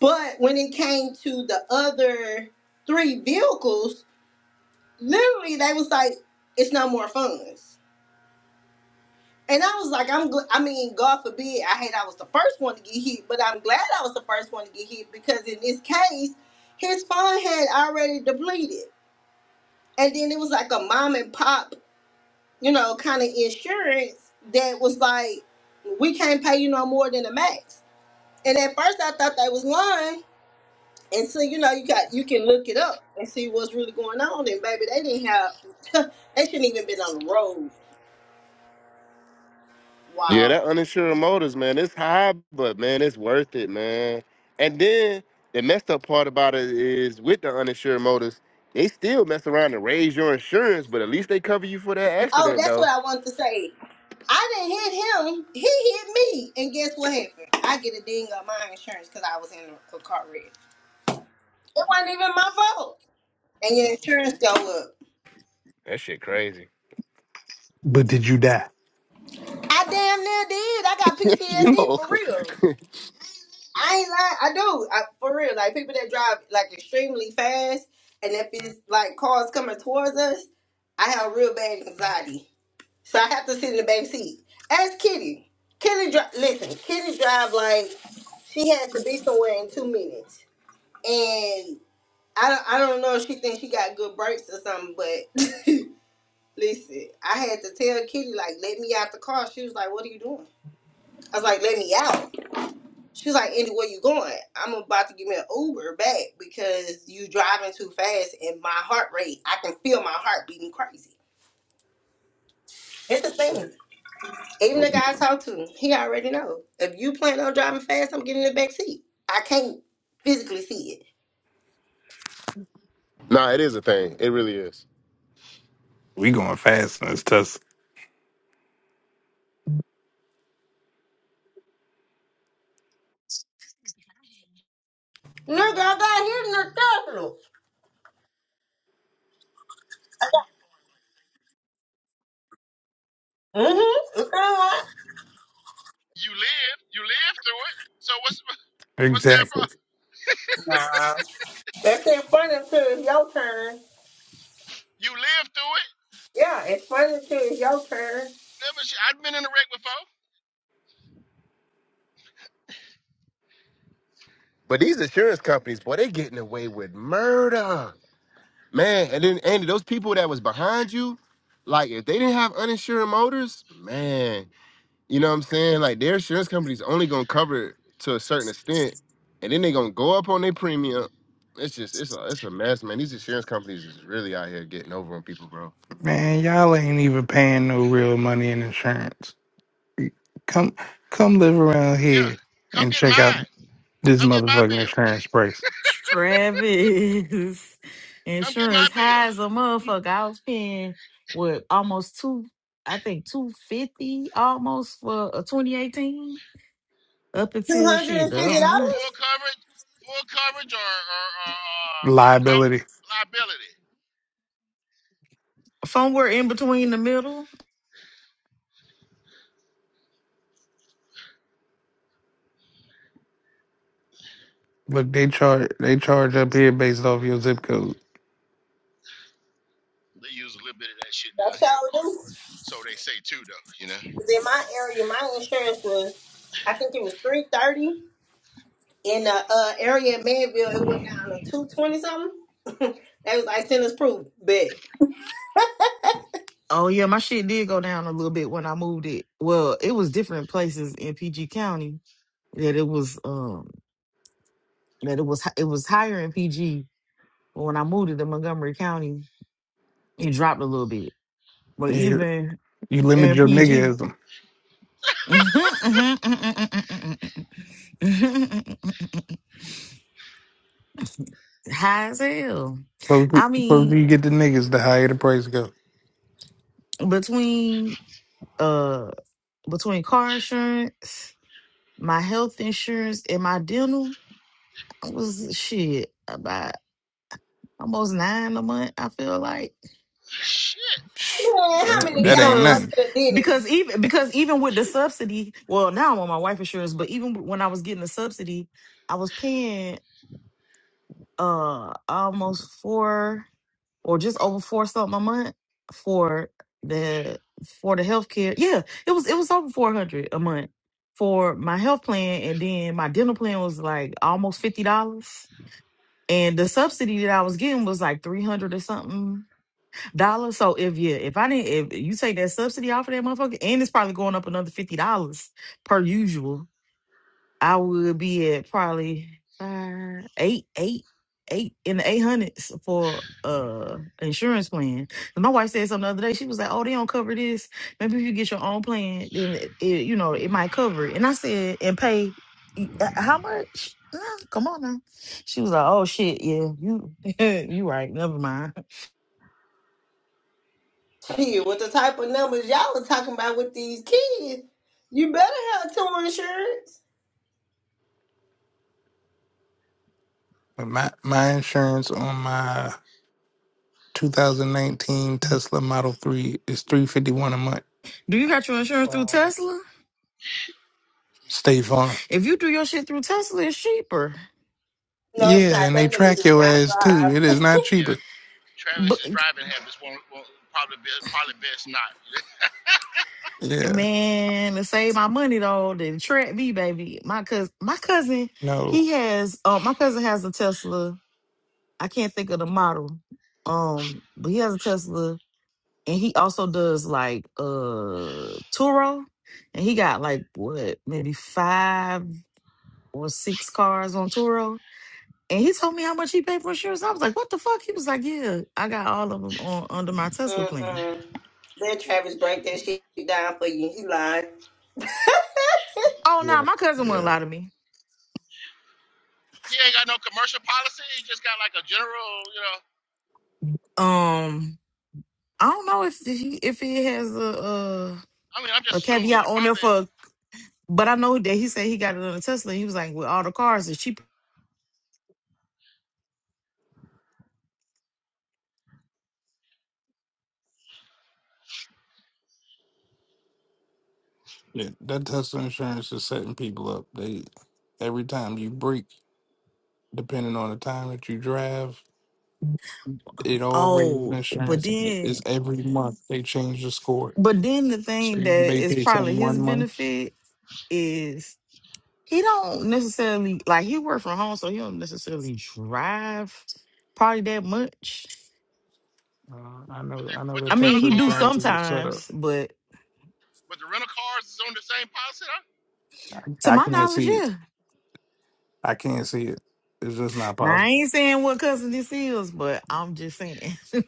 [SPEAKER 2] But when it came to the other three vehicles, literally they was like, "It's no more funds." And I was like, "I'm. Gl- I mean, God forbid. I hate I was the first one to get hit, but I'm glad I was the first one to get hit because in this case, his fund had already depleted, and then it was like a mom and pop." you know, kind of insurance that was like, we can't pay you no more than the max. And at first I thought they was lying. And so, you know, you got you can look it up and see what's really going on. And baby, they didn't have they shouldn't even been on the road.
[SPEAKER 7] Yeah,
[SPEAKER 2] Wow.
[SPEAKER 7] that uninsured motors, man, it's high, but man, it's worth it, man. And then the messed up part about it is with the uninsured motors, they still mess around to raise your insurance, but at least they cover you for that
[SPEAKER 2] Oh,
[SPEAKER 7] accident
[SPEAKER 2] that's
[SPEAKER 7] though.
[SPEAKER 2] what I wanted to say. I didn't hit him. He hit me. And guess what happened? I get a ding on my insurance because I was in a, a car wreck. It wasn't even my fault. And your insurance go up.
[SPEAKER 7] That shit crazy.
[SPEAKER 5] But did you die?
[SPEAKER 2] I damn near did. I got PTSD
[SPEAKER 7] Yo.
[SPEAKER 2] for real. I ain't lying. I do. I, for real. Like people that drive like extremely fast, and if it's like cars coming towards us, I have real bad anxiety. So I have to sit in the back seat. Ask Kitty. Kitty drive. Listen, Kitty drive like she had to be somewhere in two minutes, and I don't. I don't know if she thinks she got good brakes or something, but. Listen, I had to tell Kitty like, let me out the car. She was like, "What are you doing?" I was like, "Let me out." She was like, anywhere you going, I'm about to give me an Uber back because you driving too fast and my heart rate, I can feel my heart beating crazy. It's the thing. Even the
[SPEAKER 5] we
[SPEAKER 2] guy I talked to, he already know. If you plan on driving fast, I'm getting in the back seat. I can't physically see it.
[SPEAKER 7] nah, it is a thing. It really is.
[SPEAKER 5] we going fast in this test.
[SPEAKER 2] Nigga, I got hit in the terminal. Mm-hmm. It's all
[SPEAKER 1] You live, you live through it. So what's what's that
[SPEAKER 5] Exactly,
[SPEAKER 1] problem?
[SPEAKER 2] right. Nah. That's it funny until it's your turn.
[SPEAKER 1] You live through it.
[SPEAKER 2] Yeah, it's funny until it's your turn.
[SPEAKER 1] Never sh- I've been in a wreck before.
[SPEAKER 7] But these insurance companies, boy, they getting away with murder. Man, and then Andy, those people that was behind you, like if they didn't have uninsured motors, man, you know what I'm saying? Like their insurance company's only gonna cover it to a certain extent, and then they gonna go up on their premium. It's just it's a it's a mess, man. These insurance companies is really out here getting over on people, bro.
[SPEAKER 5] man. Y'all ain't even paying no real money in insurance. Come, come live around
[SPEAKER 1] Yeah,
[SPEAKER 5] here
[SPEAKER 1] come
[SPEAKER 5] and
[SPEAKER 1] get
[SPEAKER 5] check out
[SPEAKER 1] mine.
[SPEAKER 5] this
[SPEAKER 1] Come get my
[SPEAKER 5] motherfucking
[SPEAKER 1] bill.
[SPEAKER 5] insurance price.
[SPEAKER 3] Travis.
[SPEAKER 1] Come get my
[SPEAKER 3] Insurance
[SPEAKER 1] bill.
[SPEAKER 3] high as a motherfucker. I was paying what almost two I think two fifty almost for a twenty eighteen. Up until shit
[SPEAKER 2] $250?
[SPEAKER 3] the
[SPEAKER 1] Hold
[SPEAKER 3] other
[SPEAKER 1] on,
[SPEAKER 3] month.
[SPEAKER 1] full coverage, full coverage or or or, or, or comp-
[SPEAKER 5] Liability.
[SPEAKER 1] liability.
[SPEAKER 3] Somewhere in between the middle.
[SPEAKER 5] Look, they charge they charge up here based off your zip code.
[SPEAKER 1] They use a little bit of that shit down
[SPEAKER 2] That's
[SPEAKER 1] here, of
[SPEAKER 2] y'all
[SPEAKER 1] course.
[SPEAKER 2] do.
[SPEAKER 1] So they say too, though. You know.
[SPEAKER 2] in my area, my insurance was, I think it was three thirty. In the uh, area in Manville, it went down to two twenty something. they was like send us proof, bet.
[SPEAKER 3] Oh yeah, my shit did go down a little bit when I moved it. Well, it was different places in PG County that it was um that it was it was higher in PG But when I moved it to Montgomery County, it dropped a little bit. But
[SPEAKER 5] You
[SPEAKER 3] even
[SPEAKER 5] you limit
[SPEAKER 3] in
[SPEAKER 5] your
[SPEAKER 3] PG,
[SPEAKER 5] niggism.
[SPEAKER 3] high as hell.
[SPEAKER 5] Closer,
[SPEAKER 3] I
[SPEAKER 5] closer
[SPEAKER 3] mean,
[SPEAKER 5] you get the niggas, the higher the price go.
[SPEAKER 3] between uh between car insurance, my health insurance, and my dental, I was shit about almost nine a month. I feel like.
[SPEAKER 1] Shit.
[SPEAKER 5] Psh,
[SPEAKER 2] Man,
[SPEAKER 5] That
[SPEAKER 2] how many
[SPEAKER 5] ain't,
[SPEAKER 2] of
[SPEAKER 5] that ain't
[SPEAKER 2] y'all go to
[SPEAKER 3] because
[SPEAKER 2] the dentist?
[SPEAKER 3] because even because even with the subsidy well now i'm on my wife insurance but even when i was getting the subsidy i was paying uh almost four or just over four something a month for the for the health care yeah it was it was over 400 a month for my health plan and then my dental plan was like almost $50 and the subsidy that i was getting was like 300 or something dollars. So if you if I didn't if you take that subsidy off of that motherfucker, and it's probably going up another fifty dollars per usual, I would be at probably five, eight, eight, eight in the eight hundreds for uh insurance plan. And my wife said something the other day. She was like, "Oh, they don't cover this. Maybe if you get your own plan, then it, it you know it might cover it." And I said, "And pay e, uh, how much?" Nah, Come on now. She was like, "Oh shit, yeah, you you right. Never mind.
[SPEAKER 2] Gee, with the type of numbers y'all was talking about with these kids, you better have two insurance.
[SPEAKER 5] But my my insurance on my 2019 Tesla Model 3 is 351 a month.
[SPEAKER 3] Do you got your insurance through Tesla?"
[SPEAKER 5] State Farm.
[SPEAKER 3] If you do your shit through Tesla, it's cheaper.
[SPEAKER 2] No, it's
[SPEAKER 5] Yeah,
[SPEAKER 2] not.
[SPEAKER 5] and they
[SPEAKER 2] That nigga
[SPEAKER 5] track
[SPEAKER 2] does
[SPEAKER 5] your
[SPEAKER 2] not
[SPEAKER 5] ass too.
[SPEAKER 2] drive.
[SPEAKER 5] It is not
[SPEAKER 1] Yeah,
[SPEAKER 5] cheaper.
[SPEAKER 3] But
[SPEAKER 1] Travis' is driving habits won't, won't probably be probably best not.
[SPEAKER 5] Yeah.
[SPEAKER 3] man, to save my money though, then track me, baby. My cousin, my cousin,
[SPEAKER 5] No.
[SPEAKER 3] he has. Uh, my cousin has a Tesla. I can't think of the model. Um, but he has a Tesla, and he also does like uh Turo, and he got like what maybe five or six cars on Turo. And he told me how much he paid for insurance. I was like, "What the fuck?" He was like, "Yeah, I got all of them on under my Tesla
[SPEAKER 2] Mm
[SPEAKER 3] plan."
[SPEAKER 2] mm. Let Travis break that shit down for you. He lying.
[SPEAKER 3] Oh no,
[SPEAKER 5] Yeah.
[SPEAKER 3] my cousin wouldn't
[SPEAKER 5] Yeah.
[SPEAKER 3] lie to me.
[SPEAKER 1] He ain't got no commercial policy. He just got like a general, you know.
[SPEAKER 3] Um, I don't know if if, he, if it has a,
[SPEAKER 1] I mean, I'm
[SPEAKER 3] a a
[SPEAKER 1] just assuming
[SPEAKER 3] caveat
[SPEAKER 1] you
[SPEAKER 3] on there
[SPEAKER 1] probably
[SPEAKER 3] for, but I know that he said he got it on a Tesla. He was like, with all the cars it's cheap.
[SPEAKER 5] Yeah. That Tesla insurance is setting people up. They every time you break. depending on the time that you drive. It all raises
[SPEAKER 3] Oh, but
[SPEAKER 5] insurance. and it-
[SPEAKER 3] then,
[SPEAKER 5] It's every month they change the score,
[SPEAKER 3] but then the
[SPEAKER 5] so
[SPEAKER 3] thing
[SPEAKER 5] you
[SPEAKER 3] that
[SPEAKER 5] may
[SPEAKER 3] is
[SPEAKER 5] pay
[SPEAKER 3] probably
[SPEAKER 5] something
[SPEAKER 3] his
[SPEAKER 5] one month.
[SPEAKER 3] benefit is he don't necessarily like he work from home, so he don't necessarily drive probably that much.
[SPEAKER 5] Uh, I
[SPEAKER 1] with
[SPEAKER 5] know,
[SPEAKER 1] the
[SPEAKER 5] I know
[SPEAKER 1] with
[SPEAKER 5] that
[SPEAKER 3] I
[SPEAKER 1] the
[SPEAKER 3] mean,
[SPEAKER 1] rental
[SPEAKER 5] Tesla
[SPEAKER 3] he do
[SPEAKER 1] cars,
[SPEAKER 5] insurance is a setup.
[SPEAKER 3] sometimes, but
[SPEAKER 1] with the rental cars is on the same policy. Huh?
[SPEAKER 5] I,
[SPEAKER 3] to
[SPEAKER 5] I
[SPEAKER 3] my
[SPEAKER 5] can't
[SPEAKER 3] knowledge,
[SPEAKER 5] see it.
[SPEAKER 3] yeah.
[SPEAKER 5] I can't see it. It's just not
[SPEAKER 3] Now I
[SPEAKER 5] possible.
[SPEAKER 3] ain't saying what cousin this is, but I'm just saying.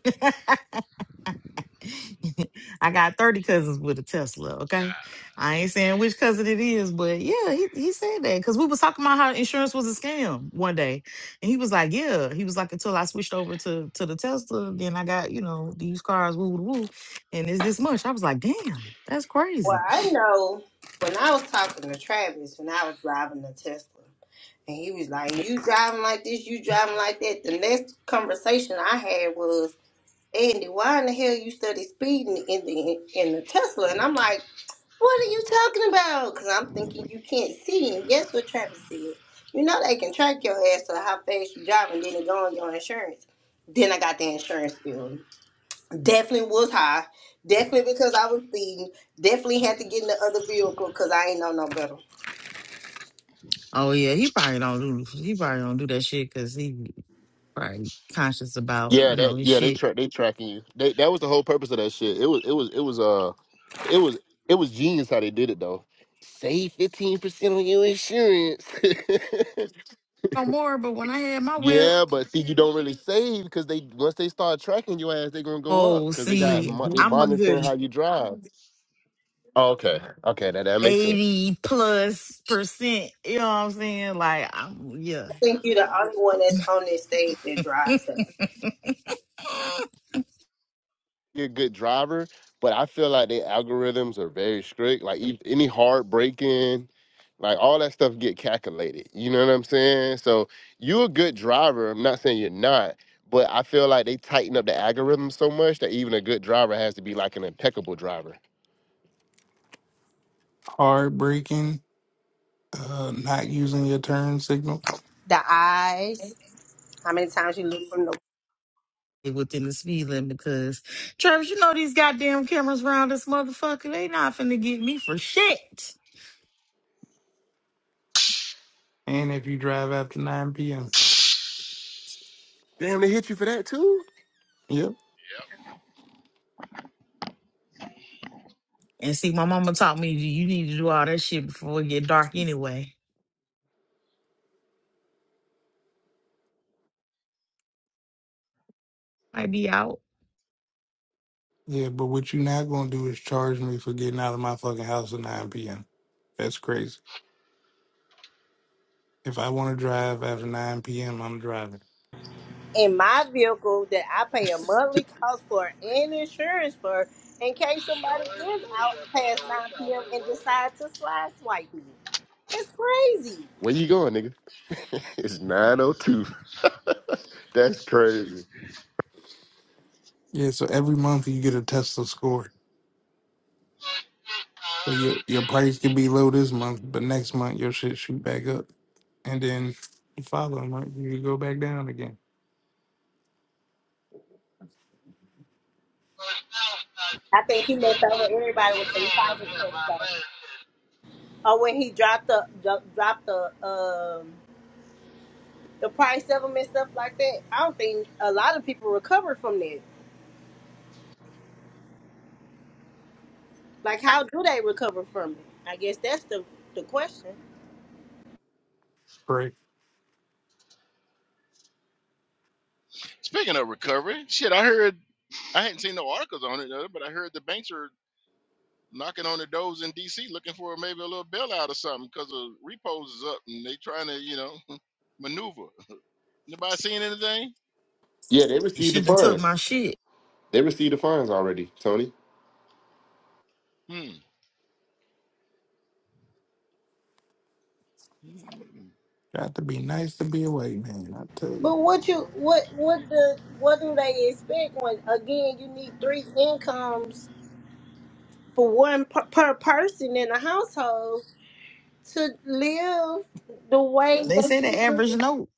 [SPEAKER 3] I got 30 cousins with a Tesla, okay?
[SPEAKER 1] Yeah.
[SPEAKER 3] I ain't saying which cousin it is, but yeah, he, he said that because we was talking about how insurance was a scam one day. And he was like, Yeah. He was like, until I switched over to, to the Tesla, then I got, you know, these cars, woo woo woo. And it's this much. I was like, damn, that's
[SPEAKER 2] Well,
[SPEAKER 3] crazy.
[SPEAKER 2] I know when I was talking to Travis when I was driving the Tesla, and he was like, "You driving like this, you driving like that." The next conversation I had was, "Andy, why in the hell you study speeding in the in the Tesla?" And I'm like, "What are you talking about?" Because I'm thinking you can't see. And guess what Travis said? You know they can track your ass to how fast you drive, and then it go on your insurance. Then I got the insurance bill. Definitely was high. Definitely because I was speeding. Definitely had to get in the other vehicle because I ain't know no better.
[SPEAKER 3] Oh yeah, he probably don't do he probably don't do that shit because he probably conscious about,
[SPEAKER 7] Yeah,
[SPEAKER 3] you
[SPEAKER 7] that
[SPEAKER 3] know, his
[SPEAKER 7] yeah, they
[SPEAKER 3] shit
[SPEAKER 7] track they tracking you. They that was the whole purpose of that shit. It was it was it was uh it was it was genius how they did it though. Save fifteen percent on your insurance.
[SPEAKER 3] no more, but when I had my whip,
[SPEAKER 7] yeah, but see, you don't really save because they once they start tracking your ass, they're gonna go up
[SPEAKER 3] oh,
[SPEAKER 7] because they got
[SPEAKER 3] see,
[SPEAKER 7] mon- they
[SPEAKER 5] Mhm.
[SPEAKER 3] I'm a
[SPEAKER 7] monitoring
[SPEAKER 3] good
[SPEAKER 7] how you drive. Oh, okay, okay, that that makes sense.
[SPEAKER 3] 80 plus percent. You know what I'm saying? Like, I'm, yeah,
[SPEAKER 2] I think you're the only one that's on this stage that drives them.
[SPEAKER 7] a good driver, but I feel like their algorithms are very strict. Like e- any hard braking, like all that stuff get calculated. You know what I'm saying? So you're a good driver. I'm not saying you're not, but I feel like they tighten up the algorithm so much that even a good driver has to be like an impeccable driver.
[SPEAKER 5] Hard braking, uh, not using your turn signal,
[SPEAKER 2] The eyes, how many times you look from the
[SPEAKER 3] within the speed limit because, Travis, you know these goddamn cameras around this motherfucker, they not finna get me for shit.
[SPEAKER 5] and if you drive after nine p.m.
[SPEAKER 7] Damn, they hit you for that too.
[SPEAKER 5] Yep.
[SPEAKER 1] Yep.
[SPEAKER 3] And see, my mama taught me you need to do all that shit before it get dark anyway. Might be out.
[SPEAKER 5] Yeah, but what you're not gonna do is charge me for getting out of my fucking house at nine p.m. That's crazy. If I want to drive after 9 p.m., I'm driving.
[SPEAKER 2] in my vehicle that I pay a monthly cost for and insurance for in case somebody is out past 9 p.m. and decide to slide swipe me. It's crazy.
[SPEAKER 7] Where you going, nigga? It's 902. That's crazy.
[SPEAKER 5] Yeah, so every month you get a Tesla score. So your, your price could be low this month, but next month your shit shoot back up. And then the following month you could go back down again.
[SPEAKER 2] I think he messed over everybody with some cyber stuff. though. Or when he dropped the dro- dropped the um. the price of them and stuff like that. I don't think a lot of people recover from that. Like, how do they recover from it? I guess that's the the question.
[SPEAKER 5] Right.
[SPEAKER 1] Speaking of recovery, shit, I heard I hadn't seen no articles on it, uh, but I heard the banks are knocking on the doors in DC looking for maybe a little bailout or something because the repos is up and they trying to, you know, maneuver. Anybody seen anything?
[SPEAKER 7] Yeah, they
[SPEAKER 3] You
[SPEAKER 7] received the
[SPEAKER 3] shouldn't have took my
[SPEAKER 7] funds.
[SPEAKER 3] shit.
[SPEAKER 7] They received the funds already, Tony.
[SPEAKER 1] Hmm. Mm, mm,
[SPEAKER 5] Got to be nice to be away, man. I tell you.
[SPEAKER 2] But what you what what the what do they expect when again you need three incomes for one per, per person in a household to live the way
[SPEAKER 3] They
[SPEAKER 2] that
[SPEAKER 3] said the average
[SPEAKER 2] you.
[SPEAKER 3] note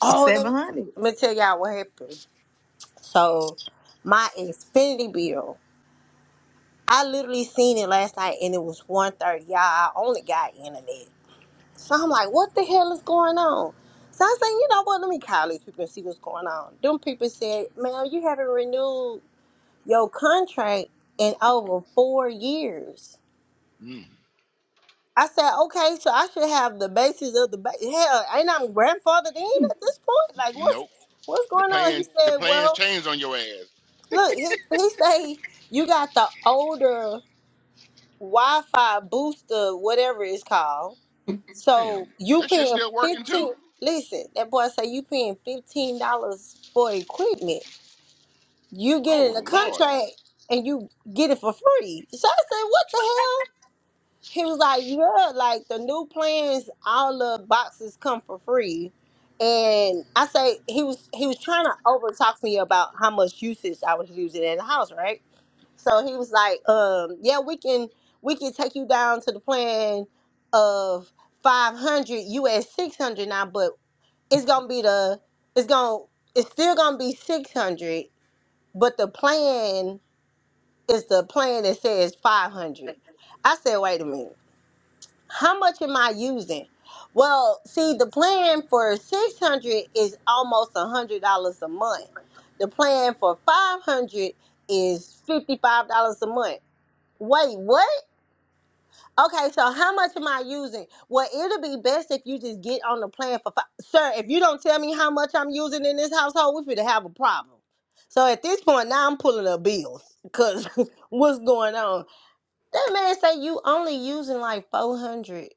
[SPEAKER 2] Oh, let me,
[SPEAKER 3] 700.
[SPEAKER 2] let me tell y'all what happened. So, my Xfinity bill. I literally seen it last night and it was one you Y'all, I only got internet. So I'm like, what the hell is going on? So I said, you know what, let me call these people and see what's going on. Them people said, ma'am, you haven't renewed your contract in over four years.
[SPEAKER 1] mm.
[SPEAKER 2] I said, okay, so I should have the basis of the ba- hell, ain't I'm grandfathered in at this point? Like what's
[SPEAKER 1] Nope.
[SPEAKER 2] what's
[SPEAKER 1] The
[SPEAKER 2] going on? He
[SPEAKER 1] plan the
[SPEAKER 2] said,
[SPEAKER 1] plans
[SPEAKER 2] Well,
[SPEAKER 1] changed on your ass.
[SPEAKER 2] look, he, he say you got the older Wi-Fi booster, whatever it's called. So
[SPEAKER 1] Damn.
[SPEAKER 2] you
[SPEAKER 1] That shit
[SPEAKER 2] paying
[SPEAKER 1] still working too?
[SPEAKER 2] fifteen. Listen, that boy say you paying fifteen dollars for equipment. You get
[SPEAKER 1] Oh
[SPEAKER 2] in a
[SPEAKER 1] Lord.
[SPEAKER 2] contract and you get it for free. So I say, what the hell? He was like, yeah, like the new plans, all the boxes come for free. And I say he was he was trying to over talk me about how much usage I was using in the house, right? So he was like, um, yeah, we can we can take you down to the plan of five hundred, you at six hundred now, but it's gonna be the it's gonna it's still gonna be six hundred, but the plan is the plan that says five hundred. I said, wait a minute. How much am I using? Well, see, the plan for 600 is almost $100 a month. The plan for 500 is $55 a month. Wait, what? Okay, so how much am I using? Well, it'll be best if you just get on the plan for five. Sir, if you don't tell me how much I'm using in this household, we're going to have a problem. So at this point, now I'm pulling up bills because what's going on? That man say you only using like 400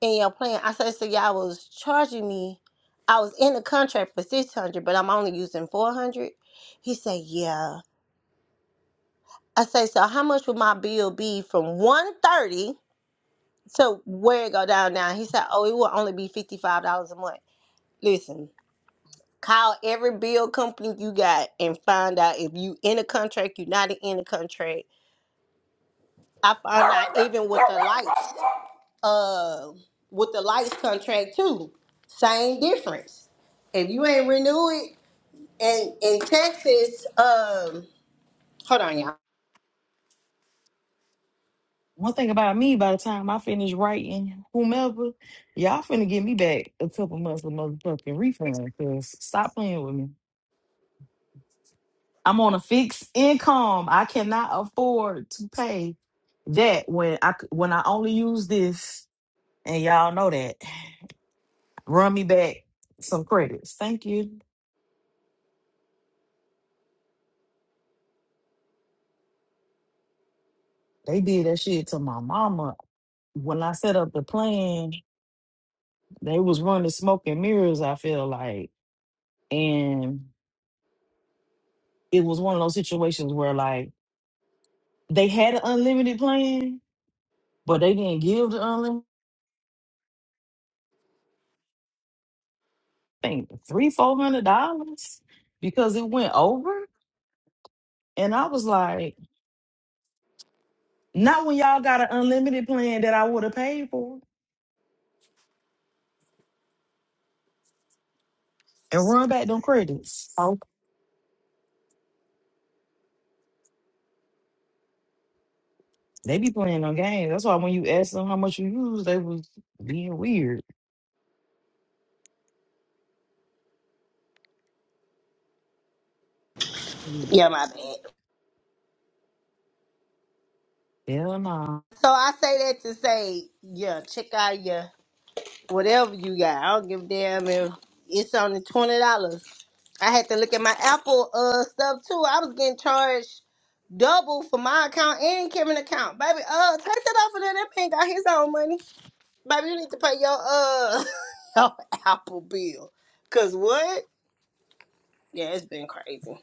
[SPEAKER 2] and y'all playing. I said, so y'all was charging me. I was in the contract for six hundred, but I'm only using four hundred. He said, yeah. I say, so how much would my bill be from one thirty to where it go down now? He said, oh, it will only be fifty five dollars a month. Listen, call every bill company you got and find out if you in a contract, you not in a contract. I found out even with the lights. uh with the lights contract too. Same difference. If you ain't renew it and in Texas, um hold on y'all.
[SPEAKER 3] One thing about me, by the time I finish writing whomever, y'all finna give me back a couple months of motherfucking refund. Cause stop playing with me. I'm on a fixed income. I cannot afford to pay that when I c- when I only use this, and y'all know that. Run me back some credits. Thank you. They did that shit to my mama when I set up the plan, they was running smoke and mirrors, I feel like. And it was one of those situations where like They had an unlimited plan, but they didn't give the unlimited thing three, four hundred dollars because it went over. And I was like, not when y'all got an unlimited plan that I would have paid for and run back them credits. Oh, they be playing on games. That's why when you ask them how much you use, they was being weird. I mean,
[SPEAKER 2] Yeah, my bad.
[SPEAKER 3] hell nah.
[SPEAKER 2] So I say that to say, yeah, check out your whatever you got. I don't give a damn if it's only twenty dollars. I had to look at my Apple uh stuff too. I was getting charged double for my account and Kevin's account. Baby, uh take that off of there. That man got his own money. Baby, you need to pay your uh your Apple bill. Cause what? Yeah, it's been crazy.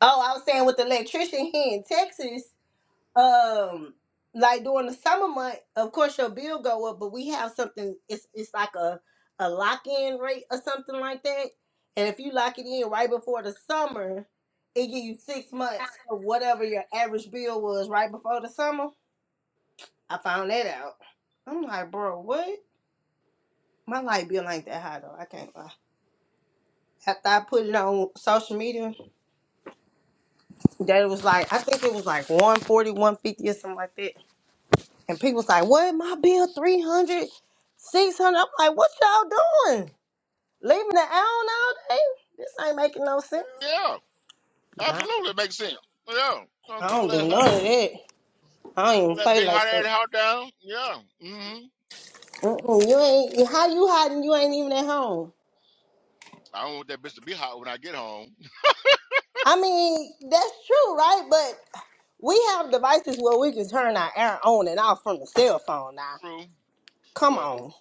[SPEAKER 2] Oh, I was saying with the electrician here in Texas, um, like during the summer month, of course your bill go up, but we have something it's it's like a a lock in rate or something like that. And if you lock it in right before the summer, it give you six months of whatever your average bill was right before the summer. I found that out. I'm like, bro, what? My light bill ain't that high though. I can't lie. after I put it on social media that it was like I think it was like one forty, one fifty, or something like that. And people was like, "What my bill 300, 600? I'm like, "What y'all doing? Leaving the island all day? This ain't making no sense."
[SPEAKER 1] Yeah.
[SPEAKER 2] Nah,
[SPEAKER 1] Absolutely makes sense. Yeah. Gonna
[SPEAKER 2] I
[SPEAKER 1] cool
[SPEAKER 2] don't
[SPEAKER 1] that
[SPEAKER 2] do
[SPEAKER 1] hot
[SPEAKER 2] none of that. I don't
[SPEAKER 1] cool
[SPEAKER 2] even
[SPEAKER 1] that
[SPEAKER 2] play
[SPEAKER 1] big hot
[SPEAKER 2] like
[SPEAKER 1] ass
[SPEAKER 2] that.
[SPEAKER 1] hot down. Yeah. Mm-hmm.
[SPEAKER 2] Mm-mm, you ain't how you hiding? You ain't even at home.
[SPEAKER 1] I don't want that bitch to be hot when I get home.
[SPEAKER 2] I mean, that's true, right? But we have devices where we can turn our air on and off from the cell phone now.
[SPEAKER 1] True.
[SPEAKER 2] Come
[SPEAKER 1] But
[SPEAKER 2] on.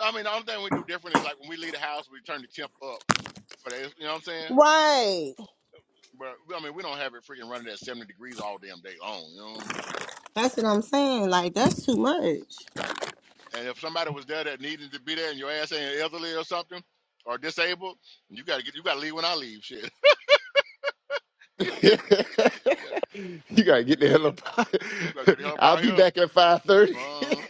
[SPEAKER 1] I mean the only thing we do different is like when we leave the house we turn the temp up for that. You know what I'm saying?
[SPEAKER 2] Right.
[SPEAKER 1] But I mean, we don't have it freaking running at 70 degrees all damn day long. You know. what I mean?
[SPEAKER 2] That's what I'm saying. Like that's too much.
[SPEAKER 1] And if somebody was there that needed to be there, and your ass ain't elderly or something, or disabled, you gotta get you gotta leave when I leave. Shit. yeah,
[SPEAKER 7] you gotta get
[SPEAKER 1] yeah.
[SPEAKER 7] the hell
[SPEAKER 1] We gotta
[SPEAKER 7] up.
[SPEAKER 1] get the help
[SPEAKER 7] I'll
[SPEAKER 1] out
[SPEAKER 7] be
[SPEAKER 1] here.
[SPEAKER 7] back at five thirty.
[SPEAKER 1] Uh,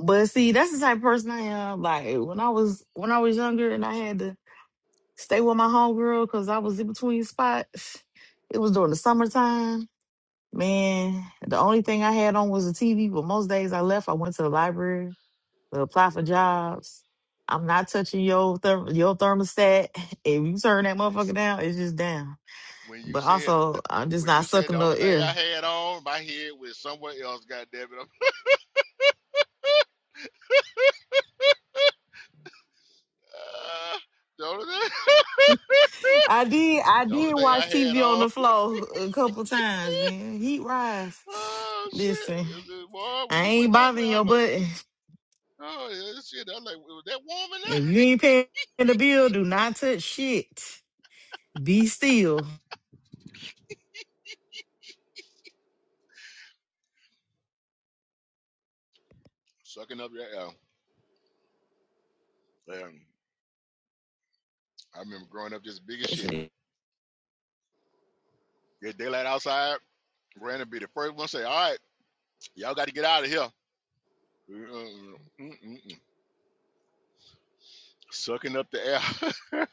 [SPEAKER 3] But see, that's the type of person I am. Like when I was when I was younger and I had to stay with my homegirl because I was in between spots. It was during the summertime Man, the only thing I had on was a TV, but most days I left, I went to the library to apply for
[SPEAKER 1] yeah.
[SPEAKER 3] jobs. I'm not touching your therm- your thermostat. If you turn that motherfucker down, it's just down.
[SPEAKER 1] When you
[SPEAKER 3] But
[SPEAKER 1] said
[SPEAKER 3] also,
[SPEAKER 1] th-
[SPEAKER 3] I'm just
[SPEAKER 1] when
[SPEAKER 3] not
[SPEAKER 1] you said the
[SPEAKER 3] sucking no
[SPEAKER 1] only thing I
[SPEAKER 3] air.
[SPEAKER 1] had on, my head was somewhere else. God damn it! I'm- Uh, the only thing.
[SPEAKER 3] I did I
[SPEAKER 1] The only
[SPEAKER 3] did
[SPEAKER 1] thing
[SPEAKER 3] watch
[SPEAKER 1] I had
[SPEAKER 3] TV on
[SPEAKER 1] on.
[SPEAKER 3] the floor a couple times, man. Heat rise.
[SPEAKER 1] Oh
[SPEAKER 3] Listen,
[SPEAKER 1] shit! Is it boy? Were
[SPEAKER 3] I
[SPEAKER 1] you with
[SPEAKER 3] ain't
[SPEAKER 1] that? Where
[SPEAKER 3] bothering
[SPEAKER 1] I
[SPEAKER 3] your
[SPEAKER 1] like?
[SPEAKER 3] button.
[SPEAKER 1] Oh yeah, this shit. I like. Was that warm in there?
[SPEAKER 3] If you ain't paying the bill, do not touch shit. Be still.
[SPEAKER 1] Sucking up your air. And I remember growing up just big as shit. Get daylight outside. Brandon be the first one to say, "All right, y'all got to get out of here." Mm, mm, mm, mm. Sucking up the air.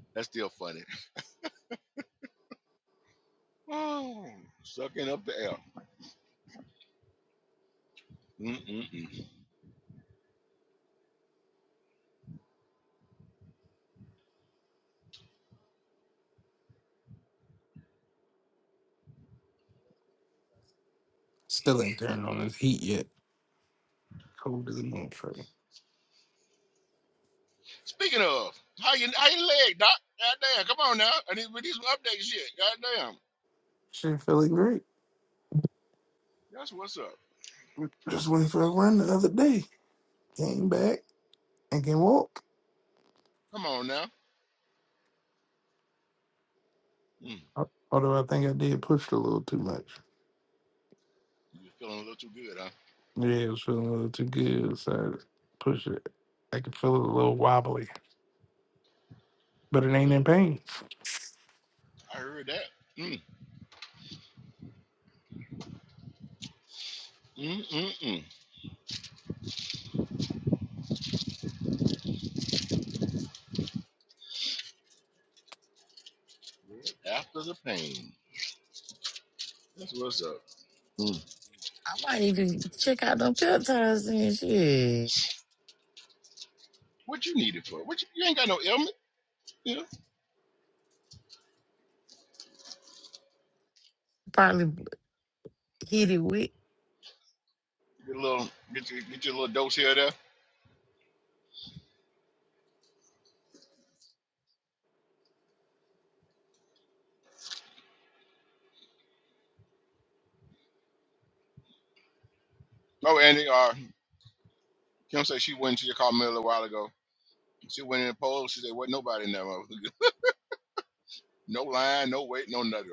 [SPEAKER 1] That's still funny. Oh, sucking up the air. Mm-mm-mm.
[SPEAKER 5] Still ain't turned on this heat yet. Cold as a motherfucker.
[SPEAKER 1] Speaking of, how you how your leg, doc? God damn, come on now. I need with these update shit. God damn,
[SPEAKER 5] Shit feeling great.
[SPEAKER 1] that's what's up.
[SPEAKER 5] Just went for a run the other day. Came back and can walk.
[SPEAKER 1] Come on now. Mm.
[SPEAKER 5] Although I think I did push a little too much.
[SPEAKER 1] You were feeling a little too good, huh?
[SPEAKER 5] Yeah, it was feeling a little too good, so I pushed it. I could feel it a little wobbly, but it ain't in pain.
[SPEAKER 1] I heard that. Mm, mm, mm, mm. After the pain. That's what's up. Mm.
[SPEAKER 3] I might even check out them peptides and shit.
[SPEAKER 1] What you need it for? What you, you ain't got no ailment. You know,
[SPEAKER 3] Probably hit it with.
[SPEAKER 1] get a little, get your, get your little dose here or there. Oh, Andy, uh, Kim said she went to your car a little while ago. She went in the poll. She said, "Wasn't nobody in there. motherfucker. no line, no wait, no nothing."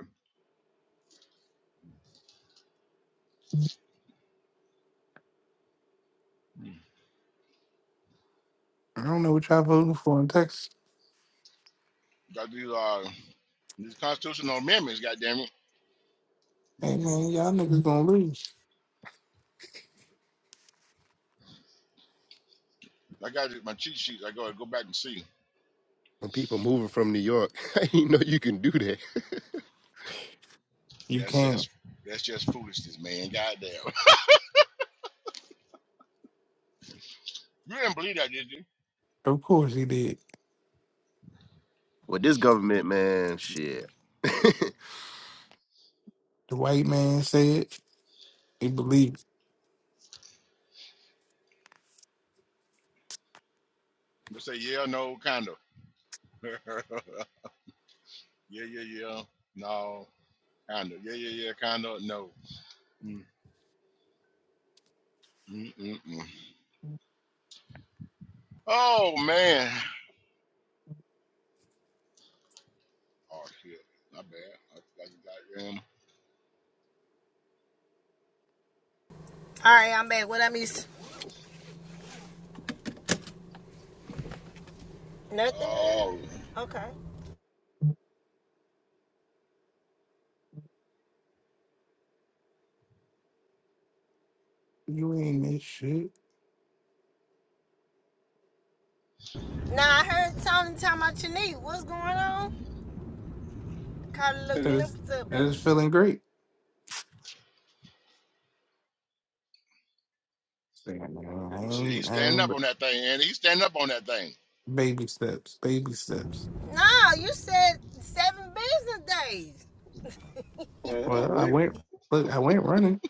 [SPEAKER 1] Mm.
[SPEAKER 5] I don't know what y'all voting for in Texas.
[SPEAKER 1] Got these uh, these constitutional amendments. Goddamn it!
[SPEAKER 5] Hey man, y'all niggas gonna lose.
[SPEAKER 1] I got it, my cheat sheets. I go go back and see.
[SPEAKER 7] when people moving from New York, I didn't know you can do that.
[SPEAKER 5] You
[SPEAKER 1] That's
[SPEAKER 5] can't.
[SPEAKER 1] that's that's just foolishness, man. Goddamn. You didn't believe that, did you?
[SPEAKER 5] Of course he did.
[SPEAKER 7] With this government, man, shit.
[SPEAKER 5] The white man said he believed
[SPEAKER 1] They'll say yeah, no, kind of. yeah, yeah, yeah. No, kind of. Yeah, yeah, yeah, kind of. No. Mm, mm, mm, mm. Oh, man. Oh, shit. My bad. I forgot you got him.
[SPEAKER 2] All right, I'm back. What I miss? Nothing.
[SPEAKER 1] Oh,
[SPEAKER 2] Okay.
[SPEAKER 5] it. you ain't this shit.
[SPEAKER 2] Now I heard Tony talking about Chanique. What's going on? Caught a little
[SPEAKER 5] That is
[SPEAKER 2] glimpse of
[SPEAKER 5] that is
[SPEAKER 2] it.
[SPEAKER 5] feeling great. Saying, "Man, I
[SPEAKER 1] shit. He's
[SPEAKER 5] ain't, I
[SPEAKER 1] standing
[SPEAKER 5] ain't
[SPEAKER 1] up
[SPEAKER 5] but
[SPEAKER 1] on that thing, Andy. He's standing up on that thing.
[SPEAKER 5] baby steps, baby steps.
[SPEAKER 2] No, you said seven business days. Well, I
[SPEAKER 5] Well, I
[SPEAKER 2] went.
[SPEAKER 5] went. Look, I went running.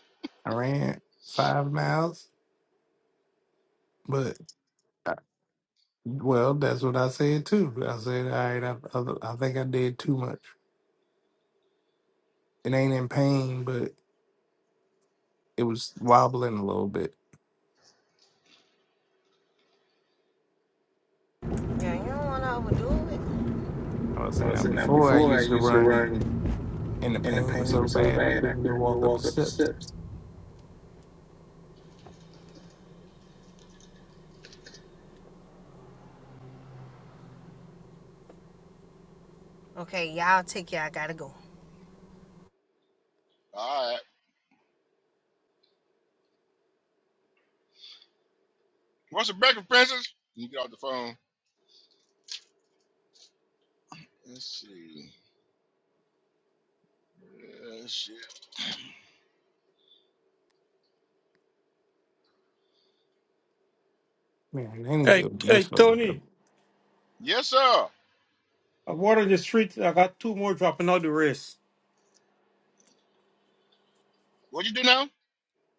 [SPEAKER 5] I ran five miles, but. Well, that's what I said too. I said, all right, I, I, I think I did too much. It ain't in pain, but it was wobbling a little bit.
[SPEAKER 2] Yeah, you don't want to overdo
[SPEAKER 5] I was
[SPEAKER 2] it.
[SPEAKER 5] saying,
[SPEAKER 2] I
[SPEAKER 5] now
[SPEAKER 2] said now
[SPEAKER 5] before I
[SPEAKER 2] before I
[SPEAKER 5] used to
[SPEAKER 2] used to
[SPEAKER 5] run
[SPEAKER 2] run,
[SPEAKER 5] and the
[SPEAKER 2] and the
[SPEAKER 5] pain was
[SPEAKER 2] pain
[SPEAKER 5] so
[SPEAKER 2] was so
[SPEAKER 5] bad I
[SPEAKER 2] bad I
[SPEAKER 5] couldn't even
[SPEAKER 2] couldn't even
[SPEAKER 5] walk up the
[SPEAKER 2] walk up the
[SPEAKER 5] steps.
[SPEAKER 2] steps. Okay, y'all take care. I gotta go.
[SPEAKER 1] All right. What's the breakfast, princess? You get off the phone. Let's see. Uh, shit.
[SPEAKER 5] Man, they need to
[SPEAKER 9] Hey,
[SPEAKER 5] open
[SPEAKER 9] hey,
[SPEAKER 5] this fucking up.
[SPEAKER 9] Tony,
[SPEAKER 1] Yes, sir.
[SPEAKER 9] I water on the street. I got two more dropping out the race.
[SPEAKER 1] What you do now?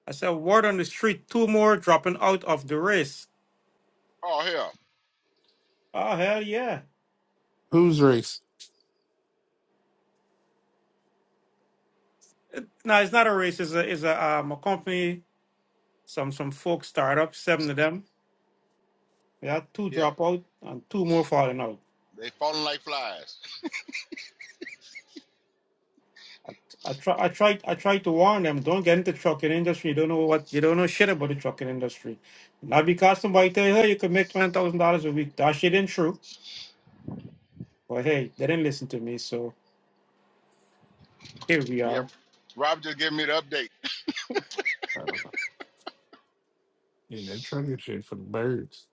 [SPEAKER 9] I said, water on the street, two more dropping out of the race.
[SPEAKER 1] Oh, hell.
[SPEAKER 9] Oh hell yeah!
[SPEAKER 5] Who's race?
[SPEAKER 9] No, it's not a race. It's a it's a um a company. Some some folk startup. Seven of them. We had two
[SPEAKER 1] Yeah.
[SPEAKER 9] drop out and two more falling out.
[SPEAKER 1] They falling like flies.
[SPEAKER 9] I try I tried I tried to warn them. Don't get into trucking industry. You don't know what you don't know shit about the trucking industry. Not because somebody tell you hey you can make twenty thousand dollars a week. That shit ain't true. But hey, they didn't listen to me. So here we are.
[SPEAKER 1] Yeah. Rob just gave me the update.
[SPEAKER 5] I don't know. Yeah, that trucker shit for the birds.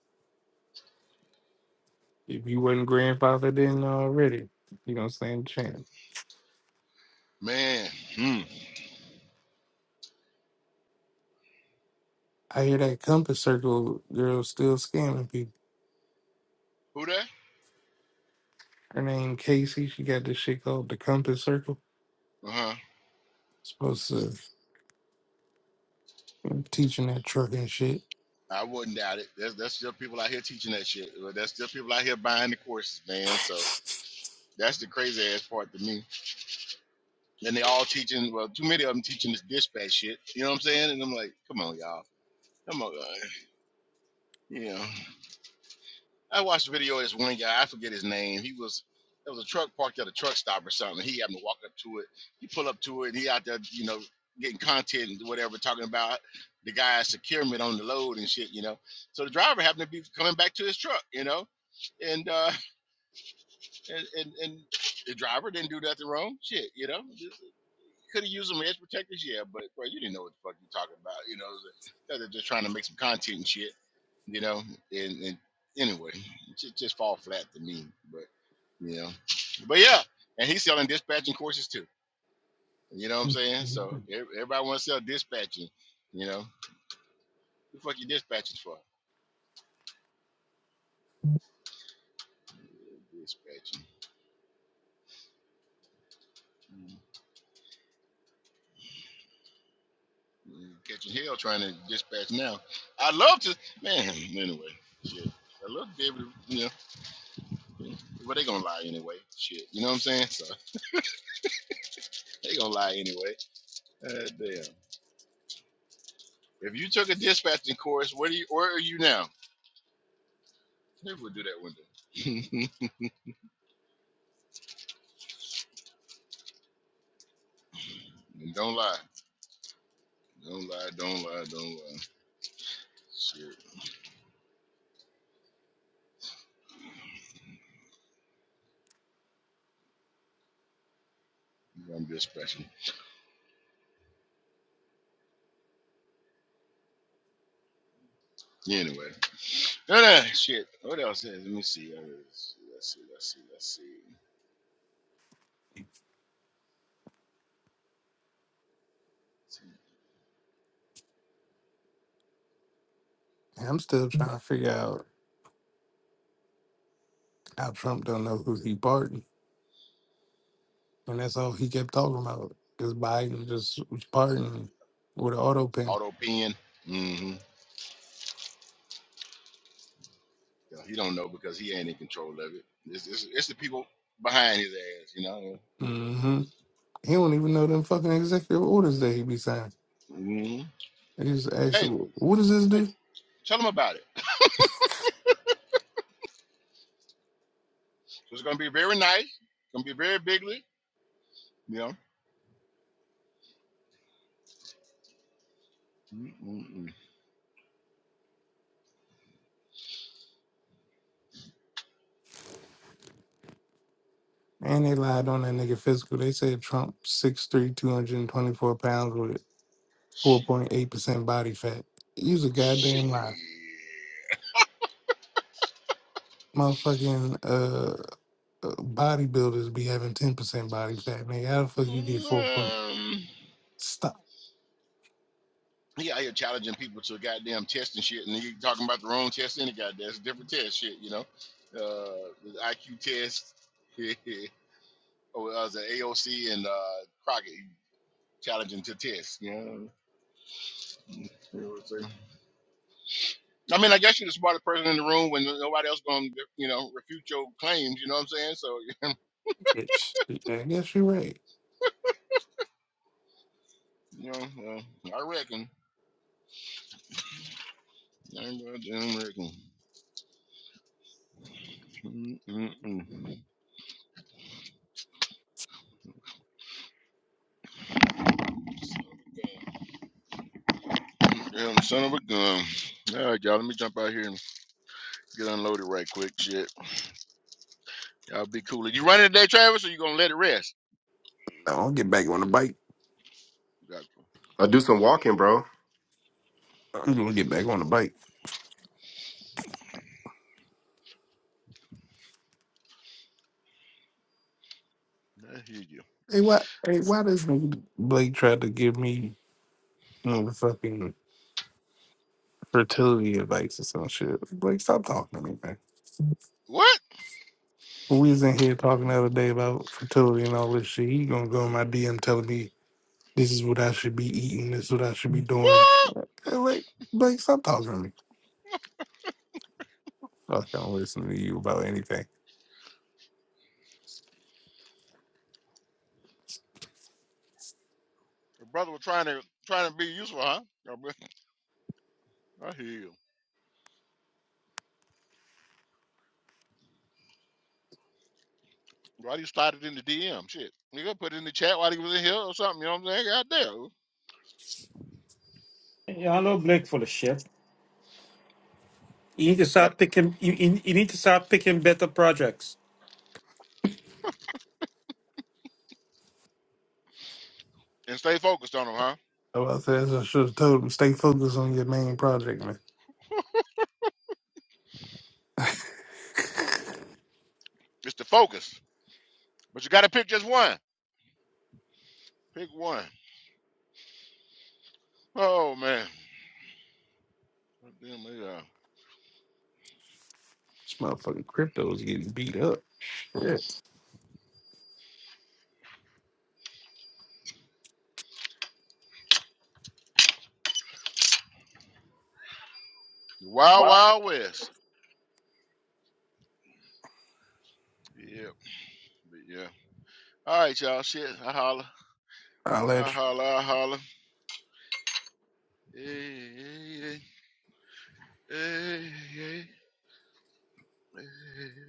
[SPEAKER 5] If you wasn't grandfathered in already, you don't stand a chance.
[SPEAKER 1] Man. Hmm.
[SPEAKER 5] I hear that Compass Circle girl still scamming people.
[SPEAKER 1] Who that?
[SPEAKER 5] Her name Casey. She got this shit called the Compass Circle.
[SPEAKER 1] Uh huh.
[SPEAKER 5] Supposed to teaching that truck and shit.
[SPEAKER 1] I wouldn't doubt it. That's that's still people out here teaching that shit. Well, That's still people out here buying the courses, man. So that's the crazy ass part to me. And they all teaching. Well, too many of them teaching this dispatch shit. You know what I'm saying? And I'm like, come on, y'all. Come on, you you know. I watched a video of this one guy. I forget his name. He was there was a truck parked at a truck stop or something. He happened to walk up to it. He pull up to it. and He out there, you know, getting content and whatever, talking about the guy's securement on the load and shit, you know. So the driver happened to be coming back to his truck, you know, and uh, and and, and the driver didn't do nothing wrong. Shit, you know. Could have used some edge protectors, yeah, but bro, you didn't know what the fuck you talking about. You know, they're just trying to make some content and shit. You know, and, and anyway, just just fall flat to me. But you know, but yeah, and he's selling dispatching courses too. You know what I'm saying? So
[SPEAKER 5] I'm
[SPEAKER 1] ev- everybody wants to sell dispatching. You know, the fuck you dispatching for? Yeah, Dispatching. Mm, mm, Catching hell trying to dispatch now. I'd love to, man. Anyway, shit. I love to be able to, you know. But they gonna lie anyway. Shit, you know what I'm saying? So they gonna lie anyway. Uh, damn. If you took a dispatching course, where do you? Where are you now? Maybe we'll do that one day. and don't lie. Don't lie. Don't lie. Don't lie. Shit. I'm dispatching. Anyway. No, no. Shit. What else is? Let me see. Uh, Let's see. Let's see. Let's see. Let's see.
[SPEAKER 5] still trying to figure out how Trump don't know who he pardoned, and that's all he kept talking about. Because Biden just was pardoning with an auto pen.
[SPEAKER 1] Auto pen. Mm-hmm. Yeah, He don't know because he ain't in control of it. It's, it's, it's the people behind his ass. You know.
[SPEAKER 5] hmm He don't even know them fucking executive orders that he be signing.
[SPEAKER 1] Mm-hmm.
[SPEAKER 5] They just asked,
[SPEAKER 1] Hey.
[SPEAKER 5] "What does this
[SPEAKER 1] hey,
[SPEAKER 5] do?"
[SPEAKER 1] Tell them about it. So it's gonna be very nice. It's gonna be very bigly. Yeah. Mm-mm-mm.
[SPEAKER 5] And they lied on that nigga physical. They said Trump six three, two hundred and twenty four pounds with four
[SPEAKER 1] She,
[SPEAKER 5] point eight percent body fat. Use a
[SPEAKER 1] she.
[SPEAKER 5] goddamn lie, motherfucking. uh. uh, bodybuilders be having ten percent body fat. Nigga, how the fuck you get four point?
[SPEAKER 1] Um,
[SPEAKER 5] Stop,
[SPEAKER 1] he out here challenging people to goddamn test and shit, and he talking about the wrong test any goddamn it's a different test shit, you know. Uh, the IQ test. oh, uh, the AOC and uh, Crockett challenging to test. You know. You know what I'm saying? I mean, I guess you're the smartest person in the room when nobody else gonna, you know, refute your claims. You know what I'm saying? So
[SPEAKER 5] bitch. I guess you're right.
[SPEAKER 1] You know, well, I reckon. I goddamn reckon. Mm-mm-mm. Damn son of a gun. All right, y'all. Let me jump out here and get unloaded right quick. Shit. Y'all be cool. Are You running today, Travis, or you gonna let it rest?
[SPEAKER 5] No, I'll get back on the bike.
[SPEAKER 1] Gotcha.
[SPEAKER 7] I do some walking, bro.
[SPEAKER 5] I'm gonna get back on the bike.
[SPEAKER 1] I hear you.
[SPEAKER 5] Hey, why? Hey, why does nigga Blake try to give me motherfucking fertility advice or some shit? Blake, stop talking to me, man.
[SPEAKER 1] What?
[SPEAKER 5] When we was in here talking the other day about fertility and all this shit, he gonna go in my DM telling me this is what I should be eating, this is what I should be doing.
[SPEAKER 1] What?
[SPEAKER 5] Hey, Blake, Blake, stop talking to me. Fuck, I don't listen to you about anything.
[SPEAKER 1] Your brother was trying to trying to be useful, huh? I hear you. Why do you slide it in the DM? Shit. Nigga, put it in the chat while he was in here or something. You know what I'm saying? Goddamn.
[SPEAKER 9] Y'all know Blake full of shit. You need to
[SPEAKER 1] Got
[SPEAKER 9] start
[SPEAKER 1] it.
[SPEAKER 9] picking. You, you you need to start picking better projects.
[SPEAKER 1] And stay focused on him, huh?
[SPEAKER 5] Oh, I said I should have told him stay focused on your main project, man. this
[SPEAKER 1] It's the focus. But you gotta pick just one. Pick one. Oh man. Well, Damn, they, uh,
[SPEAKER 5] motherfucking crypto is getting beat up. Shit.
[SPEAKER 1] the Wild
[SPEAKER 5] Wow.
[SPEAKER 1] Wild West. Yep. But yeah. All right, y'all. Shit. I holler.
[SPEAKER 5] I'll let
[SPEAKER 1] I
[SPEAKER 5] you.
[SPEAKER 1] holler. I holler. Hey, hey, hey, hey, hey, hey.